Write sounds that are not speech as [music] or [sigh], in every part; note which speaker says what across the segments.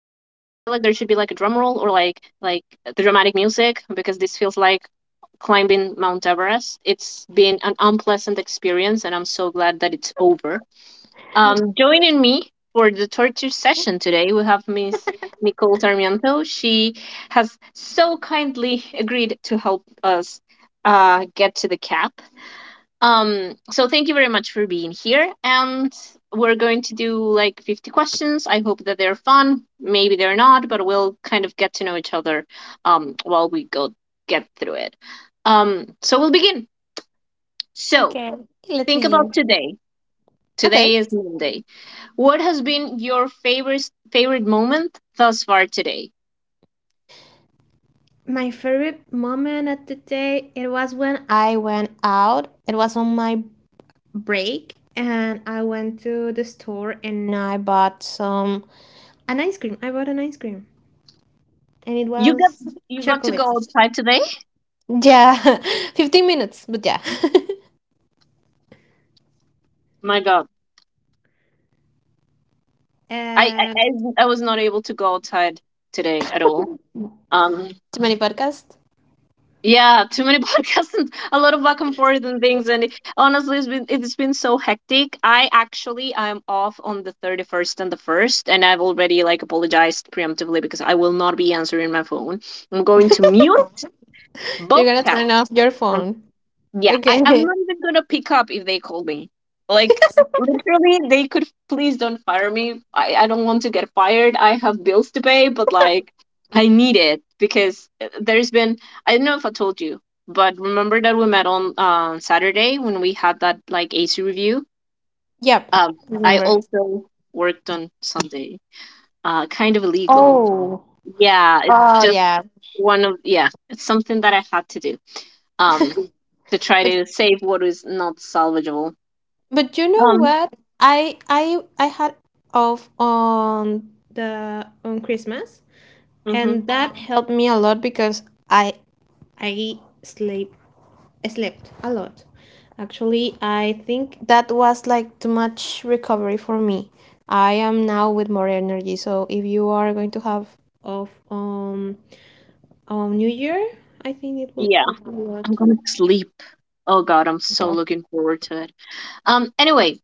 Speaker 1: like dramatic music because this feels like climbing Mount Everest. It's been an unpleasant experience, and I'm so glad that it's over. Joining me for the torture session today, we have Miss Nicole Sarmiento. She has so kindly agreed to help us get to the cap. So thank you very much for being here. And we're going to do like 50 questions. I hope that they're fun. Maybe they're not, but we'll kind of get to know each other while we go get through it. So we'll begin. So
Speaker 2: Okay, let's
Speaker 1: think about
Speaker 2: you.
Speaker 1: today.
Speaker 2: Okay.
Speaker 1: Today is Monday. What has been your favorite moment thus far today?
Speaker 2: My favorite moment of the day, it was when I went out. It was on my break and I went to the store and I bought some an ice cream. I bought an ice cream and it
Speaker 1: You got
Speaker 2: was
Speaker 1: you got to go
Speaker 2: chocolate.
Speaker 1: outside today.
Speaker 2: Yeah, [laughs] 15 minutes, but yeah. [laughs]
Speaker 1: My God, I I,
Speaker 2: And
Speaker 1: I I was not able to go outside today at all. Um,
Speaker 2: too many podcasts.
Speaker 1: Yeah, too many [laughs] podcasts and a lot of back and forth and things. And honestly, it's been so hectic. I actually I'm off on the 31st and the 1st, and I've already like apologized preemptively because I will not be answering my phone. I'm going to mute
Speaker 2: You're
Speaker 1: both
Speaker 2: gonna
Speaker 1: chats,
Speaker 2: turn off your phone.
Speaker 1: yeah, I'm
Speaker 2: Okay.
Speaker 1: not even gonna pick up if they call me. Like
Speaker 2: [laughs]
Speaker 1: literally, they could, please don't fire me. I don't want to get fired. I have bills to pay, but like I need it because there's been I don't know if I told you, but remember that we met on Saturday when we had that like AC review.
Speaker 2: Yep,
Speaker 1: Um, I
Speaker 2: remember.
Speaker 1: also worked on Sunday. Kind of illegal.
Speaker 2: Oh.
Speaker 1: Yeah, it's
Speaker 2: Oh,
Speaker 1: just
Speaker 2: yeah.
Speaker 1: one of yeah, it's something that I had to do. Um, to try
Speaker 2: But
Speaker 1: to save what is not salvageable.
Speaker 2: But you know
Speaker 1: Um,
Speaker 2: what? I had off on the on Christmas,
Speaker 1: hmm,
Speaker 2: and that helped me a lot because I I sleep I slept a lot. Actually, I think that was like too much recovery for me. I am now with more energy. So if you are going to have off on New Year, I think it will
Speaker 1: yeah,
Speaker 2: help a
Speaker 1: I'm
Speaker 2: lot.
Speaker 1: gonna sleep. Oh God, I'm so looking forward to it. Anyway,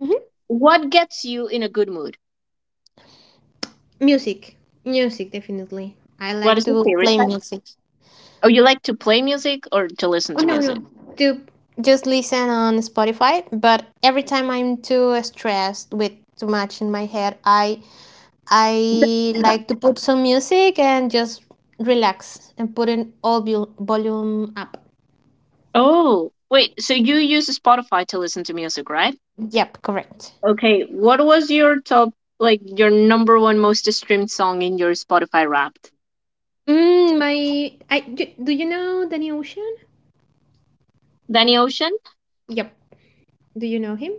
Speaker 2: Mhm.
Speaker 1: what gets you in a good mood?
Speaker 2: Music, music definitely. I
Speaker 1: What
Speaker 2: like
Speaker 1: is your
Speaker 2: to
Speaker 1: favorite
Speaker 2: play
Speaker 1: type?
Speaker 2: music.
Speaker 1: Oh, you like to play music or to listen to music?
Speaker 2: To just listen on Spotify, but every time I'm too stressed with too much in my head, I
Speaker 1: [laughs] Uh-huh.
Speaker 2: like to put some music and just relax and put in all volume up.
Speaker 1: Oh, wait, so you use Spotify to listen to music, right?
Speaker 2: Yep, correct.
Speaker 1: Okay, what was your like your #1 most streamed song in your Spotify Wrapped?
Speaker 2: My do you know Danny Ocean?
Speaker 1: Danny Ocean?
Speaker 2: Yep. Do you know him?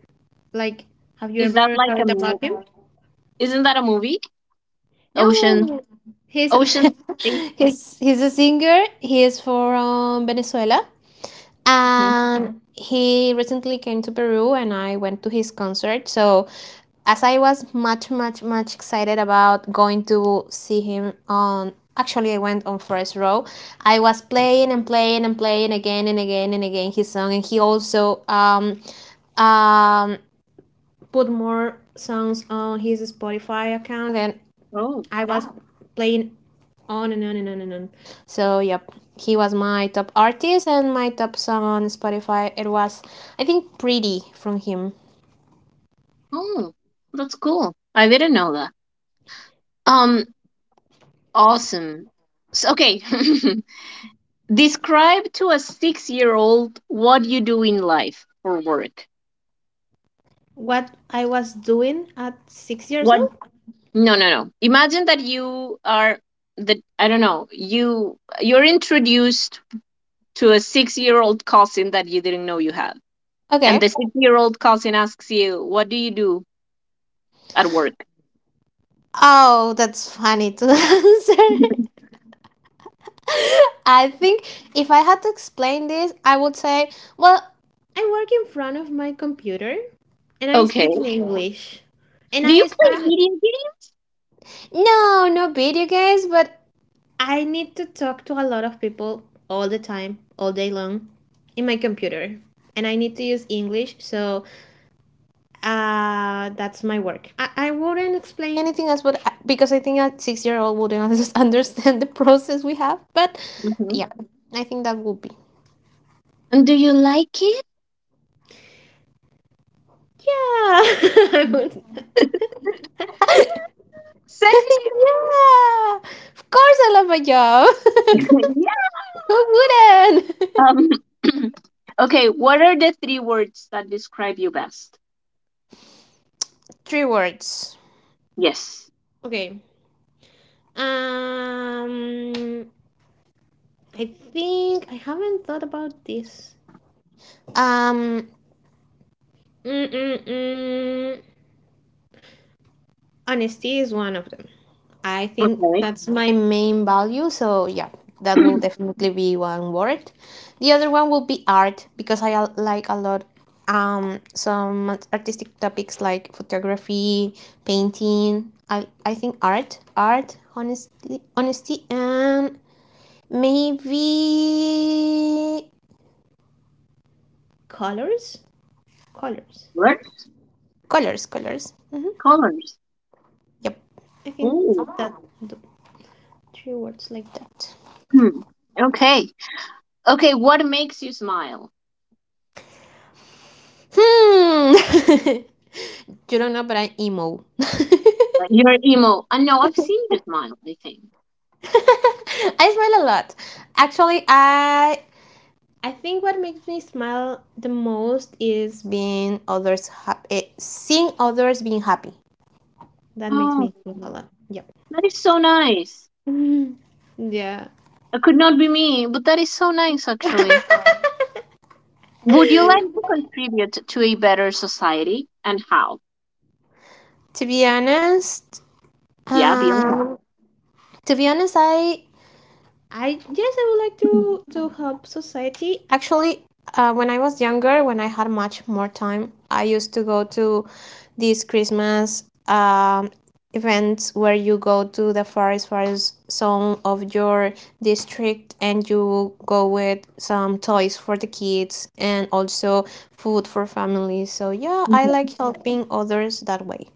Speaker 2: Like, have you
Speaker 1: Is that
Speaker 2: ever
Speaker 1: like
Speaker 2: heard about him?
Speaker 1: isn't that a movie? Ocean,
Speaker 2: No, he's
Speaker 1: Ocean. 8.
Speaker 2: [laughs] he's a singer. He is from Venezuela and he recently came to Peru and I went to his concert. So as I was much excited about going to see him on, actually I went on first row. I was playing and playing and playing again and again and again his song, and he also um put more songs on his Spotify account, and
Speaker 1: Mm-hmm.
Speaker 2: I was wow. Playing on and on and on and on. So yep, he was my top artist and my top song on Spotify. It was, I think, Pretty from him.
Speaker 1: Oh, that's cool. I didn't know that. Um, awesome. So, okay. [laughs] Describe to a 6-year old what you do in life or work.
Speaker 2: What I was doing at 6 years
Speaker 1: What?
Speaker 2: old?
Speaker 1: No, no, no. Imagine that you are the I don't know. You're introduced to a 6-year old cousin that you didn't know you had, and the
Speaker 2: Okay.
Speaker 1: 6-year old cousin asks you, "What do you do at work?"
Speaker 2: Oh, that's funny to
Speaker 1: [laughs]
Speaker 2: answer. [laughs] I think if I had to explain this, I would say, well, I work in front of my computer and I
Speaker 1: Okay.
Speaker 2: speak in English. And
Speaker 1: Do you
Speaker 2: I
Speaker 1: play
Speaker 2: spend
Speaker 1: video
Speaker 2: no, no video games, but I need to talk to a lot of people all the time, all day long, in my computer. And I need to use English, so that's my work. I wouldn't explain anything else, but I, because I think a 6 year old wouldn't [laughs] understand the process we have. But
Speaker 1: games? Mhm.
Speaker 2: yeah, I think that would be.
Speaker 1: And do you like it?
Speaker 2: Yeah, [laughs] I would.
Speaker 1: [laughs]
Speaker 2: [laughs] Yeah,
Speaker 1: Same.
Speaker 2: of course I love my job.
Speaker 1: [laughs] Yeah.
Speaker 2: [laughs] Who wouldn't?
Speaker 1: Um, [clears throat] okay, what are the 3 words that describe you best?
Speaker 2: [laughs] Three words.
Speaker 1: Yes.
Speaker 2: Okay, Um, I think I haven't thought about this. Um, mm, mm, mm. Honesty is one of them. I think
Speaker 1: Okay.
Speaker 2: that's my main value. So yeah, that will
Speaker 1: [clears throat]
Speaker 2: definitely be one word. The other one will be art because like a lot some artistic topics like photography, painting. I think honesty, and maybe colors? Colors.
Speaker 1: What
Speaker 2: Hmm.
Speaker 1: colors?
Speaker 2: Yep. I think
Speaker 1: Oh.
Speaker 2: that, the three words like that.
Speaker 1: Hmm. Okay. Okay, what makes you smile?
Speaker 2: Hmm. [laughs] You don't know, but I'm emo. [laughs]
Speaker 1: You're emo. I know. I've seen you smile, I think.
Speaker 2: I smile a lot. Actually, I think what makes me smile the most is seeing others being happy. That makes
Speaker 1: Oh,
Speaker 2: me smile a lot. Yep.
Speaker 1: that is so nice.
Speaker 2: Yeah.
Speaker 1: That could not be me, but that is so nice, actually.
Speaker 2: [laughs]
Speaker 1: Would you like to contribute to a better society and how?
Speaker 2: To be honest,
Speaker 1: Yeah, be honest.
Speaker 2: um, to be honest, I yes, I would like to help society. Actually, when I was younger, when I had much more time, I used to go to these Christmas events where you go to the forest zone of your district and you go with some toys for the kids and also food for families. So yeah, I
Speaker 1: [laughs]
Speaker 2: like helping others that way.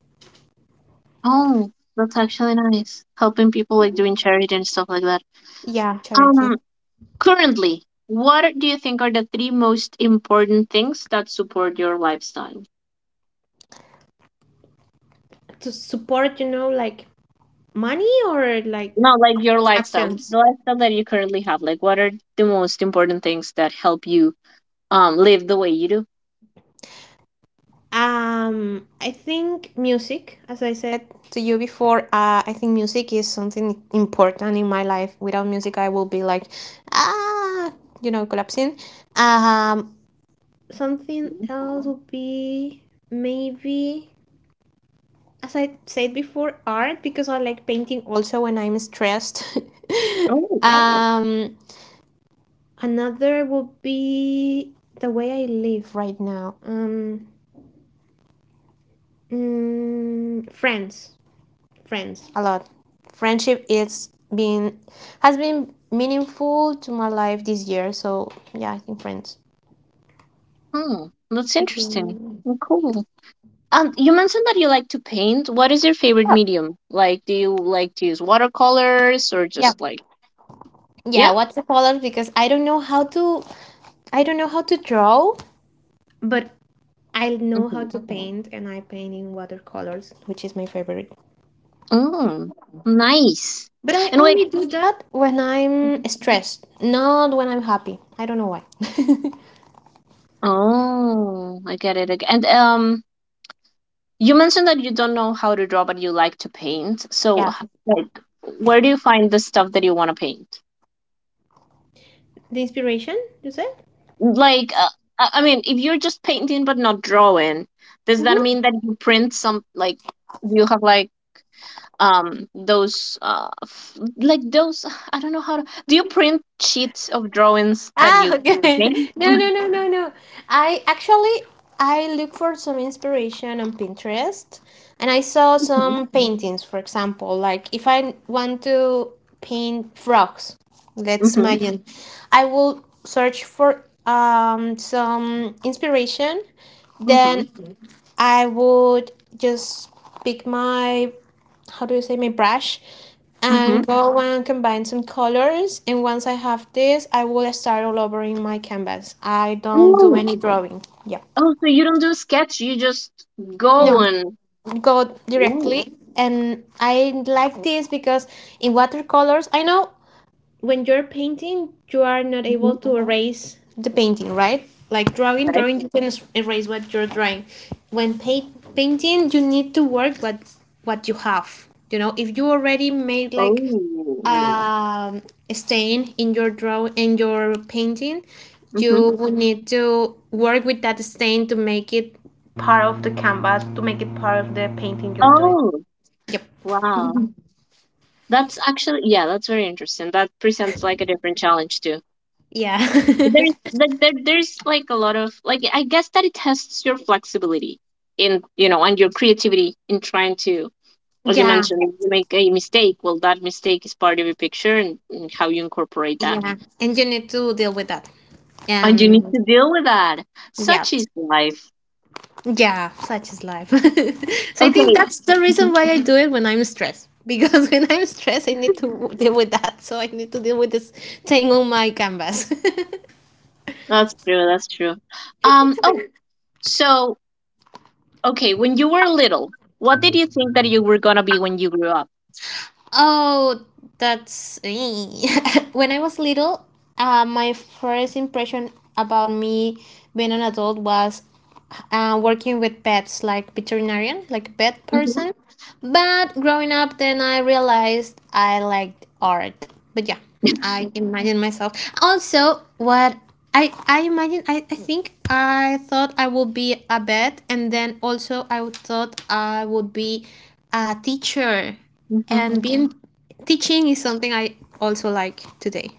Speaker 1: Oh, that's actually nice. Helping people like doing charity and stuff like that.
Speaker 2: Yeah, charity.
Speaker 1: Um, currently, what do you think are the 3 most important things that support your lifestyle?
Speaker 2: To support, you know, like money or like
Speaker 1: No, like your lifestyle, the
Speaker 2: actions.
Speaker 1: lifestyle that you currently have. Like, what are the most important things that help you live the way you do?
Speaker 2: I think music, as I said to you before, I think music is something important in my life. Without music, I will be like, ah, you know, collapsing. Um, something
Speaker 1: Mhm.
Speaker 2: else would be maybe, as I said before, art, because I like painting also when I'm stressed. [laughs]
Speaker 1: Oh,
Speaker 2: um, another would be the way I live right now. Friends, friends, a lot. Friendship is been has been meaningful to my life this year. So yeah, I think friends.
Speaker 1: hmm, that's interesting.
Speaker 2: Speaking.
Speaker 1: Oh, cool. You mentioned that you like to paint. What is your favorite medium? Like, do you like to use watercolors or
Speaker 2: Yeah.
Speaker 1: just like,
Speaker 2: Yeah,
Speaker 1: yeah?
Speaker 2: what's the color? Because I don't know how to, I don't know how to draw, but I know how
Speaker 1: Mm-hmm.
Speaker 2: to paint, and I paint in watercolors, which is my favorite.
Speaker 1: Mm, nice.
Speaker 2: But I
Speaker 1: And wait,
Speaker 2: only do that when I'm stressed, not when I'm happy. I don't know why.
Speaker 1: oh, I get it again. And you mentioned that you don't know how to draw, but you like to paint.
Speaker 2: [laughs]
Speaker 1: So,
Speaker 2: Yeah.
Speaker 1: like, where do you find the stuff that you want to paint?
Speaker 2: The inspiration, you said?
Speaker 1: Like, I mean, if you're just painting but not drawing, does that
Speaker 2: Hmm.
Speaker 1: mean that you print some, like, do you have like those like those [sighs] I don't know how to do you print sheets of drawings that
Speaker 2: Ah,
Speaker 1: you
Speaker 2: okay.
Speaker 1: make?
Speaker 2: [laughs] No,
Speaker 1: [laughs]
Speaker 2: no, no, no, no. I actually, I look for some inspiration on Pinterest, and I saw
Speaker 1: Hmm
Speaker 2: some paintings, for example, like if I want to paint frogs, let's
Speaker 1: hmm
Speaker 2: imagine, I will search for some inspiration, then I would just pick my, how do you say, my brush
Speaker 1: hmm.
Speaker 2: and
Speaker 1: [laughs]
Speaker 2: go and combine some colors. And once I have this, I will start all over in my canvas. I don't do
Speaker 1: Oh,
Speaker 2: any drawing.
Speaker 1: oh, so you don't do sketch, you just go
Speaker 2: No,
Speaker 1: and
Speaker 2: go
Speaker 1: oh,
Speaker 2: directly. And I like this because in watercolors, I know when you're painting, you are not able
Speaker 1: mhm,
Speaker 2: to erase the painting, right? Like
Speaker 1: right.
Speaker 2: drawing, you can erase what you're drawing. When painting, you need to work what you have. You know, if you already made like
Speaker 1: Oh,
Speaker 2: um, a stain in your painting,
Speaker 1: hmm.
Speaker 2: you would need to work with that stain to make it part of the canvas, to make it part of the painting you're doing.
Speaker 1: Oh,
Speaker 2: Yep.
Speaker 1: wow. That's actually yeah, that's very interesting. That presents like a different challenge too.
Speaker 2: Yeah.
Speaker 1: There's like there's like a lot of like I guess that it tests your flexibility in you know and your creativity in trying to
Speaker 2: [laughs]
Speaker 1: as you
Speaker 2: Yeah.
Speaker 1: mentioned if you make a mistake well that mistake is part of your picture, and how you incorporate that
Speaker 2: Yeah, and you need to deal with that.
Speaker 1: and you need
Speaker 2: And
Speaker 1: to deal with that,
Speaker 2: yeah,
Speaker 1: such is life.
Speaker 2: yeah, such is life. [laughs] So I think
Speaker 1: Okay.
Speaker 2: that's the reason
Speaker 1: Mhm.
Speaker 2: why I do it when I'm stressed. Because [laughs] when I'm stressed, I need to deal with that. So I need to deal with this thing on my canvas. [laughs]
Speaker 1: That's true. That's true. Oh, so okay, when you were little, what did you think that you were gonna be when you grew up?
Speaker 2: Oh, that's [laughs] when I was little. My first impression about me being an adult was working with pets, like veterinarian, like pet
Speaker 1: Mm-hmm.
Speaker 2: person. But growing up, then I realized I liked art. But yeah, I imagine myself. Also, what I imagine, I think I thought I would be a vet, and then also thought I would be a teacher,
Speaker 1: Mm-hmm.
Speaker 2: and being teaching is something I also like today.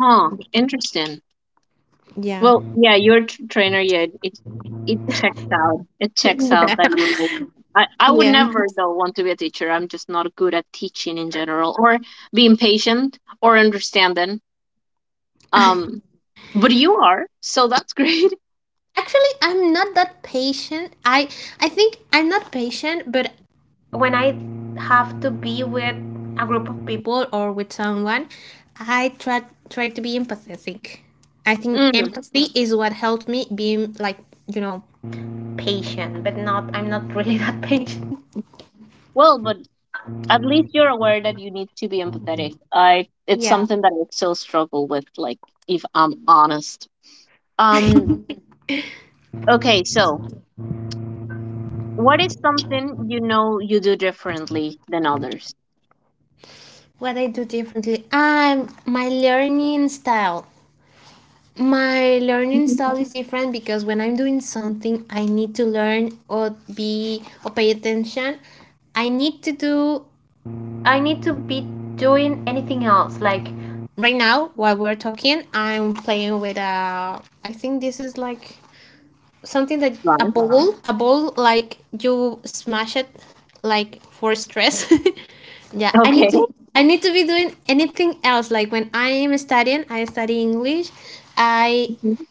Speaker 1: Huh. Interesting.
Speaker 2: Yeah.
Speaker 1: Well, yeah, your tr trainer, yeah, it checks out. It checks out that you would. I would
Speaker 2: Yeah.
Speaker 1: never though want to be a teacher. I'm just not good at teaching in general, or being patient or understanding. Um, but you are, so that's great. [laughs]
Speaker 2: Actually, I'm not that patient. I think I'm not patient, but when I have to be with a group of people or with someone, I try try to be empathetic. I think
Speaker 1: Mm.
Speaker 2: empathy is what helped me being like, you know, patient, but not, I'm not really [laughs] that patient.
Speaker 1: Well, but at least you're aware that you need to be empathetic. I It's
Speaker 2: Yeah.
Speaker 1: something that I still struggle with, like if I'm honest. Um, okay, so what is something you know you do differently than others?
Speaker 2: What I do differently. I'm my learning style. My learning
Speaker 1: Mhm.
Speaker 2: style is different because when I'm doing something, I need to learn or be or pay attention. I need to do. I need to be doing anything else. Like right now, while we're talking, I'm playing with a. I think this is like something that a ball like you smash it, like for stress. [laughs] Yeah, I need
Speaker 1: Okay.
Speaker 2: to. I need to be doing anything else. Like when I am studying, I study English. I
Speaker 1: [laughs] Mhm,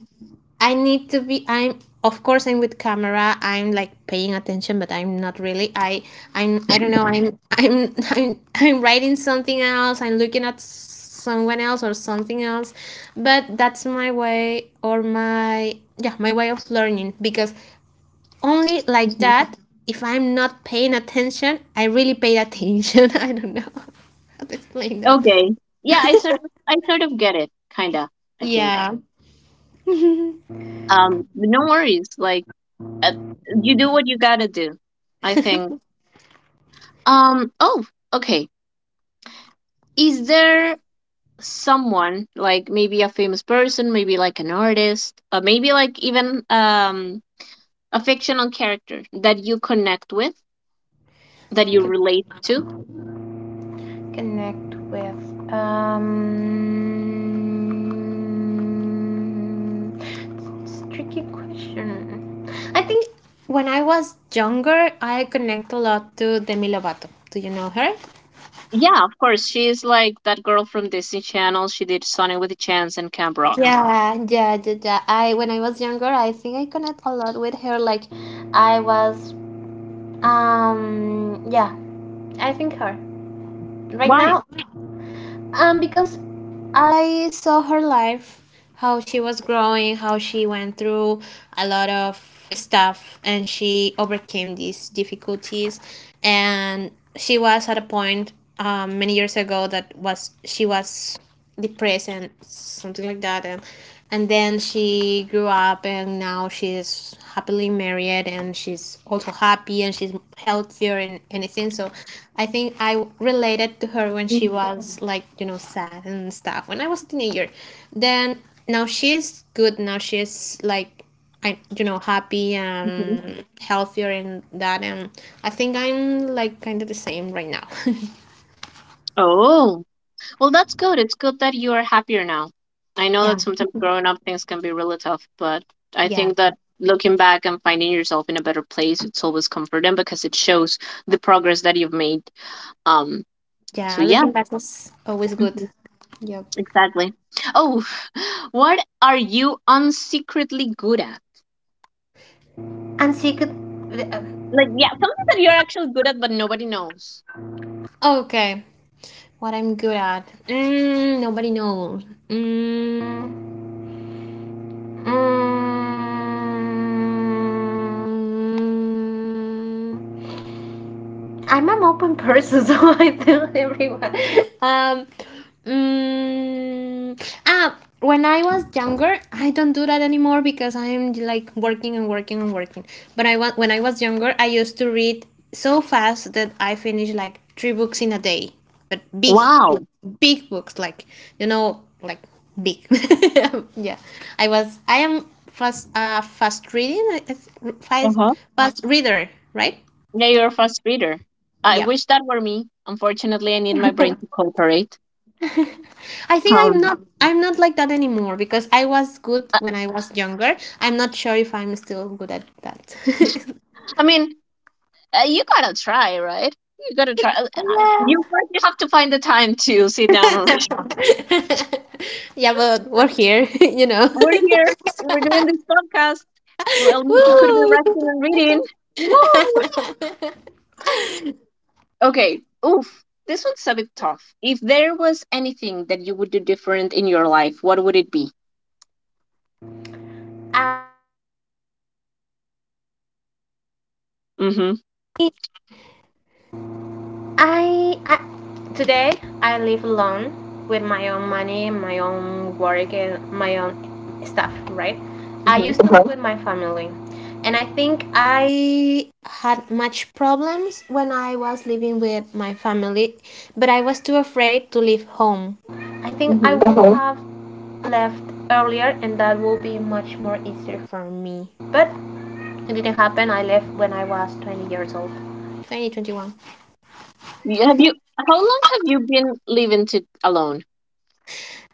Speaker 2: I need to be, I'm of course I'm with camera. I'm like paying attention, but I'm not really. I don't know. I'm [laughs] I'm writing something else. I'm looking at someone else or something else. But that's my way or my yeah, my way of learning because only like
Speaker 1: mhm.
Speaker 2: that, if I'm not paying attention, I really paid attention. [laughs] I don't know how to explain that.
Speaker 1: Okay. Yeah, I sort of get it, kinda, I think.
Speaker 2: Yeah.
Speaker 1: But no worries. Like uh, you do what you gotta do, I think. Oh, okay. Is there someone like maybe a famous person, maybe like an artist, or maybe like even a fictional character that you connect with, that you relate to?
Speaker 2: Connect with? Um, it's a tricky question. I think when I was younger, I connect a lot to Demi Lovato. Do you know her?
Speaker 1: Yeah, of course. She is like that girl from Disney Channel. She did Sonic with a Chance and Camp Rock.
Speaker 2: Yeah. I When I was younger, I think I connect a lot with her. Like, I was, yeah, I think her. Right
Speaker 1: Why?
Speaker 2: now, because I saw her life, how she was growing, how she went through a lot of stuff and she overcame these difficulties, and she was at a point many years ago that was, she was depressed and something like that, and then she grew up, and now she's happily married, and she's also happy and she's healthier and anything. So I think I related to her when she was like, you know, sad and stuff when I was a teenager. Then now she's good, now she's like, I, you know, happy
Speaker 1: Mhm.
Speaker 2: and healthier and that. And I think I'm like kind of the same right now. [laughs]
Speaker 1: Oh, well, that's good. It's good that you are happier now. I know
Speaker 2: Yeah.
Speaker 1: that sometimes growing up things can be really tough, but I
Speaker 2: Yeah,
Speaker 1: think that looking back and finding yourself in a better place, it's always comforting because it shows the progress that you've made. Um, so
Speaker 2: yeah,
Speaker 1: yeah,
Speaker 2: looking back was always good.
Speaker 1: hmm,
Speaker 2: Yep.
Speaker 1: exactly. Oh, [sighs] what are you unsecretly good at?
Speaker 2: And she could.
Speaker 1: Like, yeah, something that you're actually good at, but nobody knows.
Speaker 2: Oh, okay. What I'm good at. Mm, nobody knows. Mm, Mm, mm, I'm an open person, [laughs] so I tell everyone. Um, when I was younger, I don't do that anymore because I'm like working. But I was when I was younger, I used to read so fast that I finished like three books in a day, but big,
Speaker 1: Wow.
Speaker 2: big books, like, like big. [laughs] Yeah, I was. I am fast, fast reading, fast,
Speaker 1: Uh-huh.
Speaker 2: fast reader, right?
Speaker 1: Yeah, you're a fast reader. I
Speaker 2: Yeah.
Speaker 1: wish that were me. Unfortunately, I need my brain to cooperate.
Speaker 2: I think I'm
Speaker 1: Um,
Speaker 2: not I'm not like that anymore because I was good
Speaker 1: I,
Speaker 2: when I was younger. I'm not sure if I'm still good at that. [laughs]
Speaker 1: I mean, you gotta try, right? You gotta try.
Speaker 2: Oh,
Speaker 1: You work, you have to find the time to sit down and read.
Speaker 2: yeah. [laughs] Yeah, but we're here. [laughs]
Speaker 1: [laughs] We're here, and we're doing this podcast. Well, you could be resting
Speaker 2: [laughs]
Speaker 1: and reading. Woo!
Speaker 2: Woo!
Speaker 1: Okay, oof. This one's a bit tough. If there was anything that you would do different in your life, what would it be?
Speaker 2: [laughs]
Speaker 1: Mm-hmm.
Speaker 2: I today I live alone with my own money, my own work, and my own stuff, right? I
Speaker 1: Mm-hmm.
Speaker 2: used to live, okay, with my family, and I think I had much problems when I was living with my family, but I was too afraid to leave home. I think I
Speaker 1: Mm-hmm.
Speaker 2: would have left earlier, and that will be much more easier for me. But it didn't happen. I left when I was 20 years old. 20, 21.
Speaker 1: You, have you? How long have you been living to alone?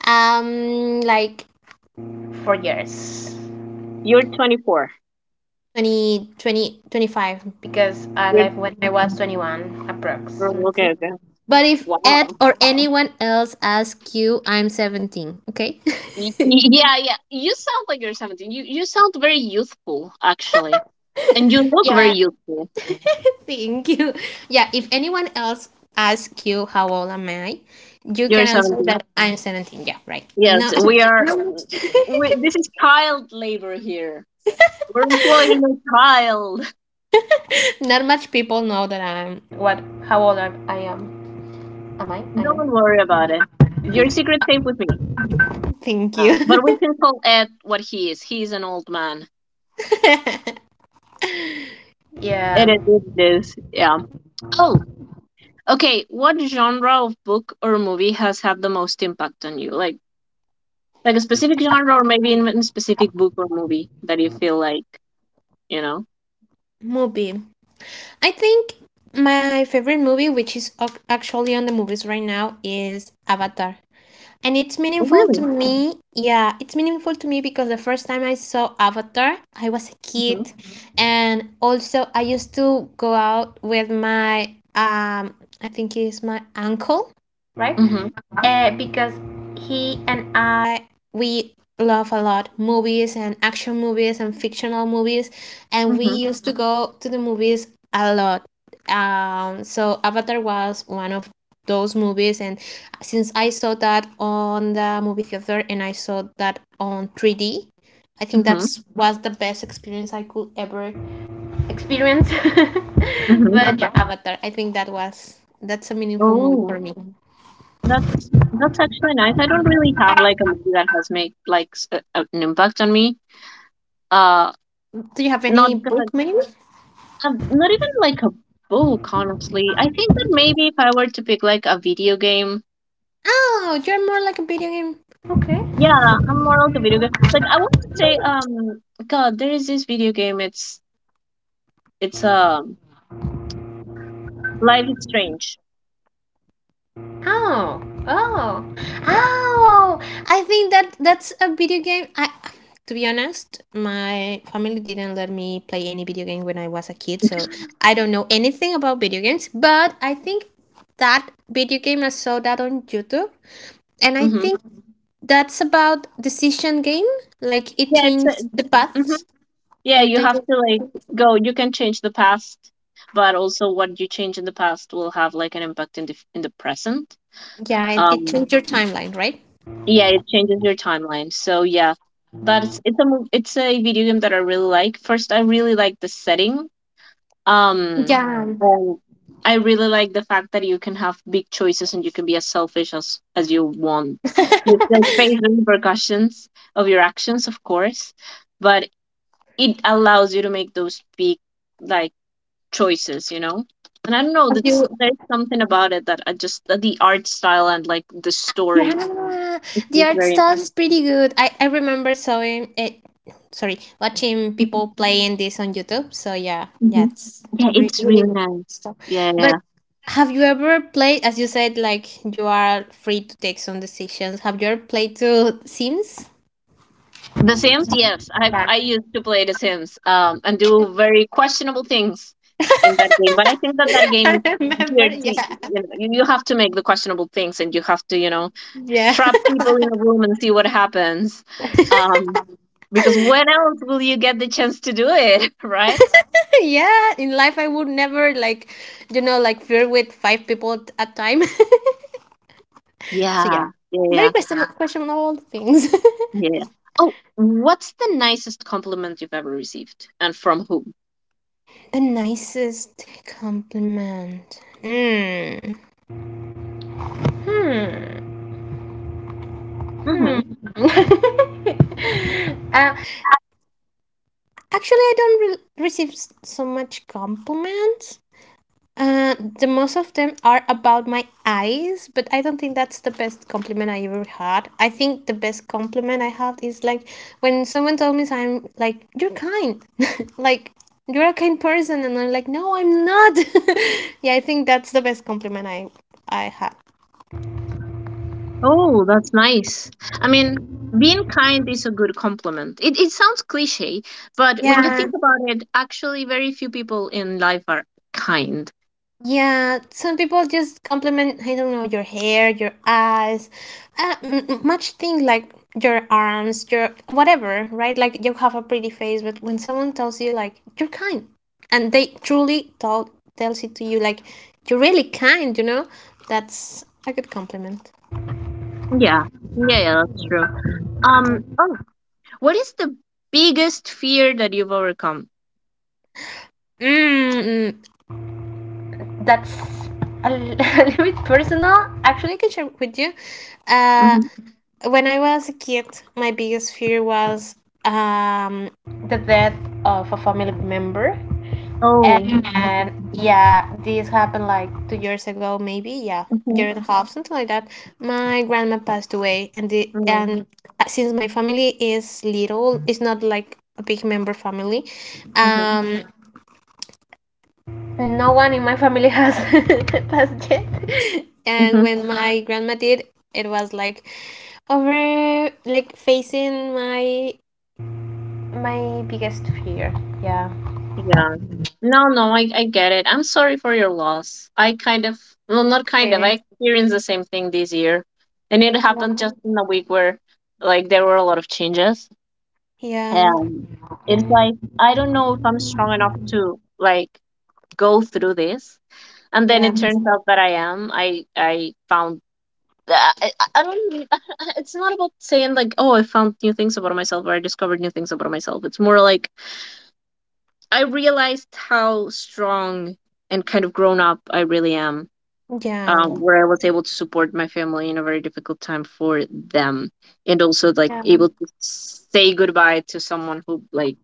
Speaker 2: Like 4 years.
Speaker 1: You're 24.
Speaker 2: 25, because I
Speaker 1: You're
Speaker 2: left when I was 21,
Speaker 1: Oh,
Speaker 2: approximately.
Speaker 1: okay. Okay.
Speaker 2: But if Ed
Speaker 1: Wow.
Speaker 2: or anyone else asks you, I'm 17, okay? [laughs]
Speaker 1: Yeah, yeah. You sound like you're 17. You sound very youthful, actually. And you look very
Speaker 2: Yeah,
Speaker 1: youthful.
Speaker 2: thank you. Yeah, if anyone else asks you, how old am I? You
Speaker 1: You're
Speaker 2: can answer
Speaker 1: 17.
Speaker 2: that I'm 17. Yeah, right.
Speaker 1: Yes,
Speaker 2: No, [laughs] no.
Speaker 1: we, this is child labor here. We're employing a child.
Speaker 2: [laughs] Not much people know that I'm. What? How old I am? Am I?
Speaker 1: [laughs]
Speaker 2: I am.
Speaker 1: Don't worry about it. Your secret's safe with me.
Speaker 2: Thank you.
Speaker 1: But we
Speaker 2: [laughs]
Speaker 1: can call Ed what he is. He's an old man.
Speaker 2: [laughs]
Speaker 1: It
Speaker 2: Yeah.
Speaker 1: is it is. Yeah. Oh, okay. What genre of book or movie has had the most impact on you? Like a specific genre or maybe even a specific book or movie that you feel like, you know.
Speaker 2: Movie. I think my favorite movie, which is actually on the movies right now, is Avatar. And it's
Speaker 1: Oh,
Speaker 2: meaningful to
Speaker 1: really?
Speaker 2: me. Yeah, it's meaningful to me because the first time I saw Avatar, I was a
Speaker 1: Mm-hmm.
Speaker 2: kid. And also, I used to go out with I think it's my uncle. Right?
Speaker 1: Mm-hmm.
Speaker 2: Because he and I, we love a lot movies and action movies and fictional movies, and we
Speaker 1: Mm-hmm.
Speaker 2: used to go to the movies a lot. So Avatar was one of those movies, and since I saw that on the movie theater and I saw that on 3D, I think
Speaker 1: Mm-hmm.
Speaker 2: that's was the best experience I could ever experience. [laughs]
Speaker 1: Mm-hmm.
Speaker 2: But yeah, Avatar, I think that's a meaningful movie
Speaker 1: Oh,
Speaker 2: for me.
Speaker 1: that's actually nice. I don't really have like a movie that has made like an impact on me. Uh,
Speaker 2: Do you have
Speaker 1: not
Speaker 2: any
Speaker 1: because
Speaker 2: book maybe?
Speaker 1: not even like a book, honestly. I think that maybe if I were to pick like a video game,
Speaker 2: Oh, you're more like a video game. Okay.
Speaker 1: yeah, I'm more like a video game. Like I want to say, God, there is this video game. It's Life is Strange.
Speaker 2: Oh. Oh. Oh. I think that that's a video game. I to be honest, my family didn't let me play any video game when I was a kid, so I don't know anything about video games, but I think that video game I saw that on YouTube and I
Speaker 1: Mm-hmm.
Speaker 2: think that's about decision game. Like it
Speaker 1: Yeah, it's a,
Speaker 2: changed the
Speaker 1: hmm,
Speaker 2: paths
Speaker 1: yeah,
Speaker 2: every
Speaker 1: you
Speaker 2: time.
Speaker 1: have to like
Speaker 2: you-
Speaker 1: go. You can change the past, but also what you change in the past will have like an impact in the present.
Speaker 2: Yeah, it
Speaker 1: Um,
Speaker 2: changed your timeline, right?
Speaker 1: yeah, it changes your timeline. So yeah, but it's a it's a video game that I really like. First, I really like the setting. Um,
Speaker 2: Yeah.
Speaker 1: and I really like the fact that you can have big choices and you can be as selfish as you want.
Speaker 2: [laughs]
Speaker 1: You
Speaker 2: Have
Speaker 1: still face the repercussions of your actions, of course, but it allows you to make those big like choices, you know. And I don't know, that's
Speaker 2: you?
Speaker 1: there's something about it that I just, that the art style and like the
Speaker 2: Yeah,
Speaker 1: story is
Speaker 2: the art
Speaker 1: very
Speaker 2: style is pretty good. I remember showing it. Sorry, watching people playing this on YouTube. So yeah, yeah,
Speaker 1: Mhm.
Speaker 2: it's
Speaker 1: Yeah, it's
Speaker 2: really
Speaker 1: really
Speaker 2: good
Speaker 1: nice,
Speaker 2: stuff.
Speaker 1: yeah, yeah, yeah.
Speaker 2: But have you ever played, as you said, like you are free to take some decisions? Have you ever played to Sims?
Speaker 1: The Sims, yes, I used to play The Sims and do very questionable things in that game. But I think that
Speaker 2: [laughs]
Speaker 1: game
Speaker 2: I
Speaker 1: is
Speaker 2: remember,
Speaker 1: geared to,
Speaker 2: yeah.
Speaker 1: you have to make the questionable things, and you have to,
Speaker 2: Yeah,
Speaker 1: trap people in a room and see what happens. Um, because when else will you get the chance to do it, [laughs] right?
Speaker 2: [laughs] yeah. In life, I would never, like, like flirt with five people at a time. [laughs] So
Speaker 1: Yeah,
Speaker 2: yeah,
Speaker 1: yeah,
Speaker 2: very
Speaker 1: yeah,
Speaker 2: questionable all things. [laughs]
Speaker 1: yeah. Oh, what's the nicest compliment you've ever received, and from whom?
Speaker 2: The nicest compliment. Mm.
Speaker 1: Hmm.
Speaker 2: Uh, Actually, I don't receive so much compliments. The most of them are about my eyes, but I don't think that's the best compliment I ever had. I think the best compliment I have is like when someone told me, I'm like, you're kind, [laughs] like you're a kind person, and I'm like, no, I'm not. [laughs] Yeah, I think that's the best compliment I had.
Speaker 1: Oh, that's nice. I mean, being kind is a good compliment. It sounds cliche, but when you
Speaker 2: Yeah.
Speaker 1: think about it, actually, very few people in life are kind.
Speaker 2: Yeah, some people just compliment, I don't know, your hair, your eyes, much thing, like your arms, your whatever, right? Like you have a pretty face, but when someone tells you, like, you're kind, and they truly tells it to you, like, you're really kind, that's a good compliment.
Speaker 1: Yeah, yeah, yeah, that's true. Um, oh, What is the biggest fear that you've overcome?
Speaker 2: Mm, mm. That's a, [laughs] little bit personal. Actually, I can share with you. Uh,
Speaker 1: Mm-hmm.
Speaker 2: when I was a kid, my biggest fear was um, the death of a family member.
Speaker 1: Oh.
Speaker 2: And yeah, this happened like 2 years ago, maybe. Yeah, year and
Speaker 1: Mm-hmm.
Speaker 2: a half, something like that. My grandma passed away, and the
Speaker 1: Mm-hmm.
Speaker 2: and since my family is little, it's not like a big member family.
Speaker 1: Mm-hmm.
Speaker 2: Um, no one in my family has [laughs] passed yet. And
Speaker 1: Mm-hmm.
Speaker 2: when my grandma did, it was like over, like facing my biggest fear. Yeah.
Speaker 1: Yeah. No, no, I get it. I'm sorry for your loss. I kind of, well, not kind of, I
Speaker 2: Okay.
Speaker 1: experienced the same thing this year. And it happened just in a week where, like, there were a lot of changes.
Speaker 2: Yeah.
Speaker 1: And it's
Speaker 2: Okay.
Speaker 1: like, I don't know if I'm strong enough to, like, go through this. And then
Speaker 2: Yeah.
Speaker 1: it turns out that I am. I, I don't. [laughs] It's not about saying like, "Oh, I found new things about myself," or "I discovered new things about myself." It's more like I realized how strong and kind of grown up I really am.
Speaker 2: Yeah.
Speaker 1: Where I was able to support my family in a very difficult time for them, and also like
Speaker 2: Yeah.
Speaker 1: able to say goodbye to someone who like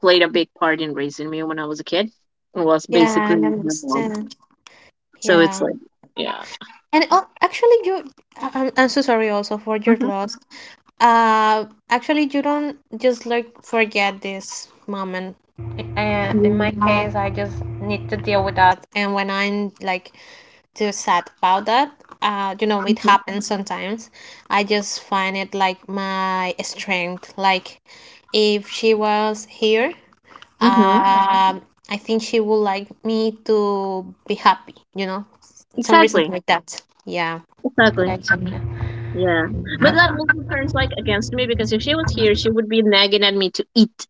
Speaker 1: played a big part in raising me when I was a kid. It was
Speaker 2: Yeah,
Speaker 1: basically
Speaker 2: I
Speaker 1: my mom.
Speaker 2: understand.
Speaker 1: So it's
Speaker 2: Yeah.
Speaker 1: like, yeah.
Speaker 2: And actually, I'm so sorry also for your
Speaker 1: Mm-hmm.
Speaker 2: loss. Actually, you don't just like forget this moment. In
Speaker 1: Mm-hmm.
Speaker 2: my case, I just need to deal with that. And when I'm like too sad about that, it happens sometimes. I just find it, like, my strength. Like, if she was here,
Speaker 1: Mm-hmm.
Speaker 2: um, I think she would like me to be happy, some reason
Speaker 1: Exactly.
Speaker 2: like that. Yeah.
Speaker 1: Exactly.
Speaker 2: Gotcha.
Speaker 1: Yeah. But that also turns like against me because if she was here, she would be nagging at me to eat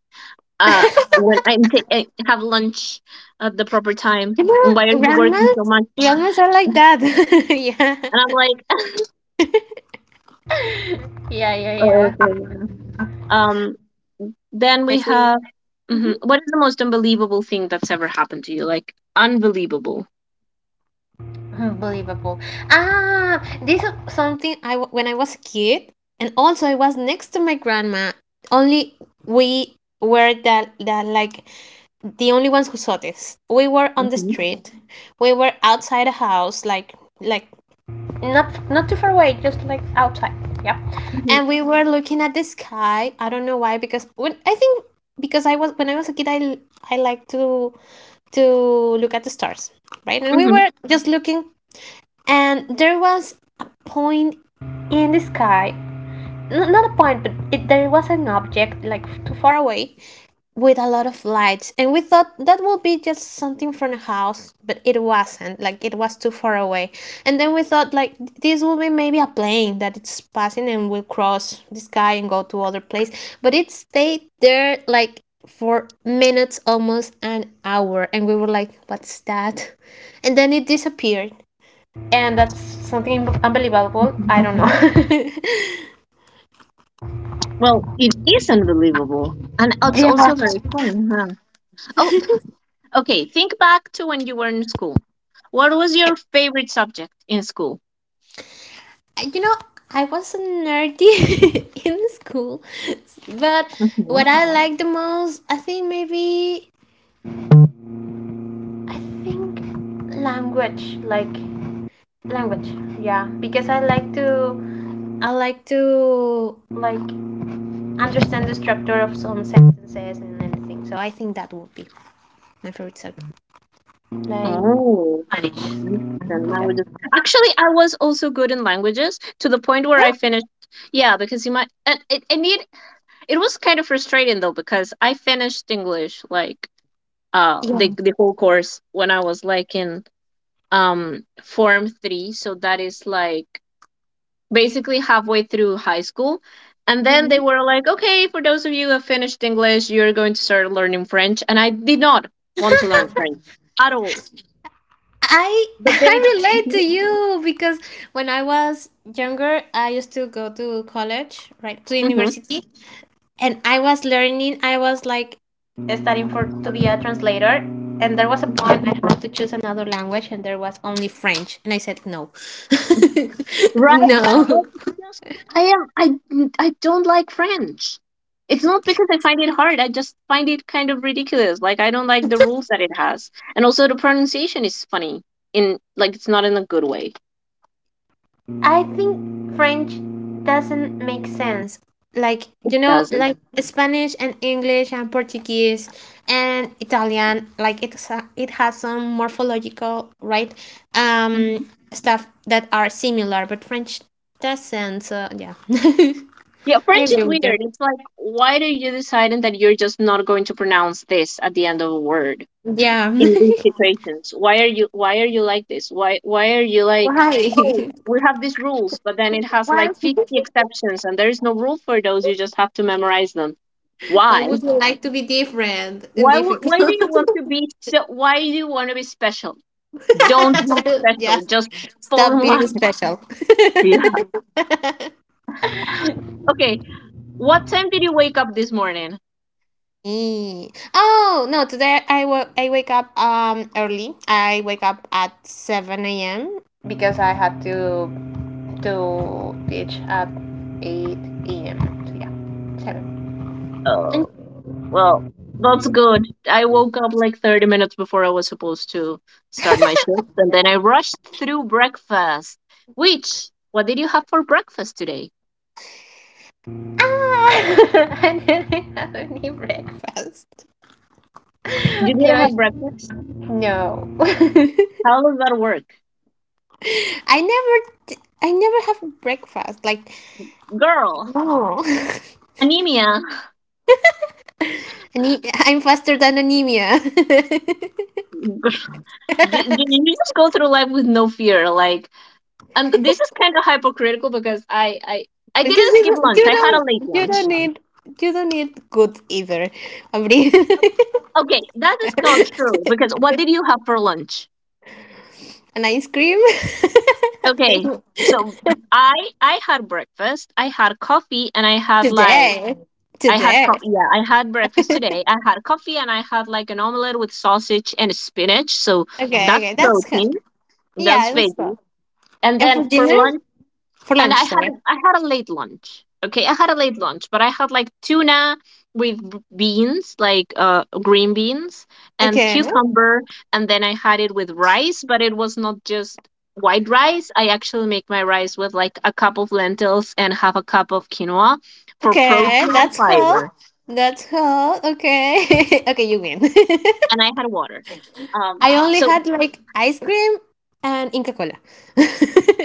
Speaker 1: uh when I'm taking have lunch at the proper time. And
Speaker 2: Grandma,
Speaker 1: why are you working so
Speaker 2: grandmas,
Speaker 1: much?
Speaker 2: Grandmas are like that. [laughs] Yeah.
Speaker 1: And I'm like, [laughs]
Speaker 2: Yeah,
Speaker 1: oh,
Speaker 2: yeah,
Speaker 1: okay,
Speaker 2: yeah.
Speaker 1: yeah. Um. Then
Speaker 2: I
Speaker 1: we
Speaker 2: see.
Speaker 1: have.
Speaker 2: Mhm.
Speaker 1: Mhm. What is the most unbelievable thing that's ever happened to you? Like unbelievable.
Speaker 2: Unbelievable. This is something when I was a kid, and also I was next to my grandma. Only we were, that that like the only ones who saw this. We were on the
Speaker 1: Hmm.
Speaker 2: street. We were outside a house, like, like not too far away, just like outside. Yeah.
Speaker 1: Hmm.
Speaker 2: And we were looking at the sky. I don't know why, because when I was a kid, I like to look at the stars, right? And we were just looking, and there was a point in the sky. No, not a point, but there was an object, like, too far away with a lot of lights, and we thought that would be just something from the house, but it wasn't, like, it was too far away. And then we thought, like, this would be maybe a plane that it's passing and will cross the sky and go to other place, but it stayed there like for minutes, almost an hour. And we were like, what's that? And then it disappeared. And that's something unbelievable.
Speaker 1: Hmm.
Speaker 2: I don't know. [laughs]
Speaker 1: Well, it is unbelievable, and it's
Speaker 2: Yeah,
Speaker 1: also very fun. Huh? Oh, okay, think back to when you were in school. What was your favorite subject in school?
Speaker 2: you know I wasn't nerdy [laughs] in school. But
Speaker 1: Hmm.
Speaker 2: what I like the most, I think, maybe, I think, language, like language. Yeah, because I like to, like, understand the structure of some sentences and everything. So I think that would be my favorite subject, like
Speaker 1: Oh,
Speaker 2: Spanish,
Speaker 1: interesting.
Speaker 2: like
Speaker 1: Languages.
Speaker 2: that.
Speaker 1: Actually, I was also good in languages to the point where I
Speaker 2: Yeah,
Speaker 1: finished. Yeah, because you might. And it was kind of frustrating though because I finished English like
Speaker 2: yeah.
Speaker 1: the whole course when I was like in form three. So that is like basically halfway through high school. And then they
Speaker 2: Mhm.
Speaker 1: were like, okay, for those of you who have finished English, you're going to start learning French. And I did not want to learn French at all.
Speaker 2: I [laughs]
Speaker 1: But they,
Speaker 2: I relate to
Speaker 1: mhm,
Speaker 2: you because when I was younger, I used to go to college, right, to
Speaker 1: mhm,
Speaker 2: university, and I was learning. I was like studying for to be a translator, and there was a point I had to choose another language, and there was only French, and I said no,
Speaker 1: mhm,
Speaker 2: [laughs]
Speaker 1: right? Like,
Speaker 2: no.
Speaker 1: just, I don't like French. It's not because I find it hard. I just find it kind of ridiculous. Like, I don't like the rules that it has. And also, the pronunciation is funny in, like, it's not in a good way.
Speaker 2: I think French doesn't make sense. Like,
Speaker 1: It doesn't.
Speaker 2: like Spanish and English and Portuguese and Italian, like it has some morphological, right?
Speaker 1: Mm-hmm.
Speaker 2: Um stuff that are similar, but French doesn't. So, yeah. [laughs]
Speaker 1: Yeah,
Speaker 2: I
Speaker 1: French is
Speaker 2: agree with you.
Speaker 1: weird. It's like, why do you deciding that you're just not going to pronounce this at the end of a word
Speaker 2: Yeah.
Speaker 1: in these
Speaker 2: [laughs]
Speaker 1: situations? Why are you like this? Why are you like,
Speaker 2: Why?
Speaker 1: oh, we have these rules, but then it has like 50 exceptions and there is no rule for those. You just have to memorize them.
Speaker 2: [laughs] Why
Speaker 1: Why?
Speaker 2: would you like to be different and
Speaker 1: Why would
Speaker 2: difficult?
Speaker 1: why do you want to be so why do you want to be special? Don't be
Speaker 2: [laughs] Yeah.
Speaker 1: special. Just fall
Speaker 2: Stop
Speaker 1: in
Speaker 2: being
Speaker 1: line. [laughs]
Speaker 2: special.
Speaker 1: Yeah. Okay. What time did you wake up this morning?
Speaker 2: Mm. Oh no! Today I wake up early. I wake up at seven a.m. because I had to teach at eight a.m. So yeah, seven. And,
Speaker 1: Oh. Well, that's good. I woke up like 30 minutes before I was supposed to start my shift, and then I rushed through breakfast. Which, what did you have for breakfast today?
Speaker 2: [laughs] I didn't have any breakfast. [laughs]
Speaker 1: You
Speaker 2: You
Speaker 1: didn't
Speaker 2: know,
Speaker 1: have breakfast?
Speaker 2: no. [laughs]
Speaker 1: How does that work?
Speaker 2: I never t- I never have breakfast. Like
Speaker 1: Girl,
Speaker 2: no.
Speaker 1: anemia. [laughs]
Speaker 2: [laughs] Ane- I'm faster than anemia. [laughs]
Speaker 1: Gr- You just go through life with no fear. Like, and this is kind of hypocritical because I
Speaker 2: Because
Speaker 1: didn't skip lunch. I had a late
Speaker 2: you don't
Speaker 1: lunch.
Speaker 2: need you don't need goods either. I [laughs]
Speaker 1: Okay, that is not true because what did you have for lunch?
Speaker 2: an ice cream
Speaker 1: Okay,
Speaker 2: [laughs]
Speaker 1: so I I had breakfast, I had coffee, and I had like
Speaker 2: today.
Speaker 1: I had
Speaker 2: Today.
Speaker 1: coffee. Yeah, I had breakfast today. I had coffee and I had like an omelet with sausage and spinach. So
Speaker 2: Okay,
Speaker 1: that's
Speaker 2: okay. That's
Speaker 1: protein.
Speaker 2: good. Yeah,
Speaker 1: That's
Speaker 2: it was good.
Speaker 1: veggie. And
Speaker 2: And
Speaker 1: then
Speaker 2: for
Speaker 1: for
Speaker 2: dinner?
Speaker 1: lunch
Speaker 2: For
Speaker 1: and
Speaker 2: lunch,
Speaker 1: I had
Speaker 2: sorry.
Speaker 1: a, I had a late lunch. Okay, I had a late lunch, but I had like tuna with beans, like green beans and
Speaker 2: Okay.
Speaker 1: cucumber, and then I had it with rice, but it was not just white rice. I actually make my rice with like a cup of lentils and half a cup of quinoa for
Speaker 2: Okay,
Speaker 1: protein and
Speaker 2: that's cool.
Speaker 1: fiber,
Speaker 2: That's cool. Okay. [laughs] Okay, you win. [laughs]
Speaker 1: and I had water. Um,
Speaker 2: I only
Speaker 1: so
Speaker 2: had like ice cream and Inca Cola [laughs]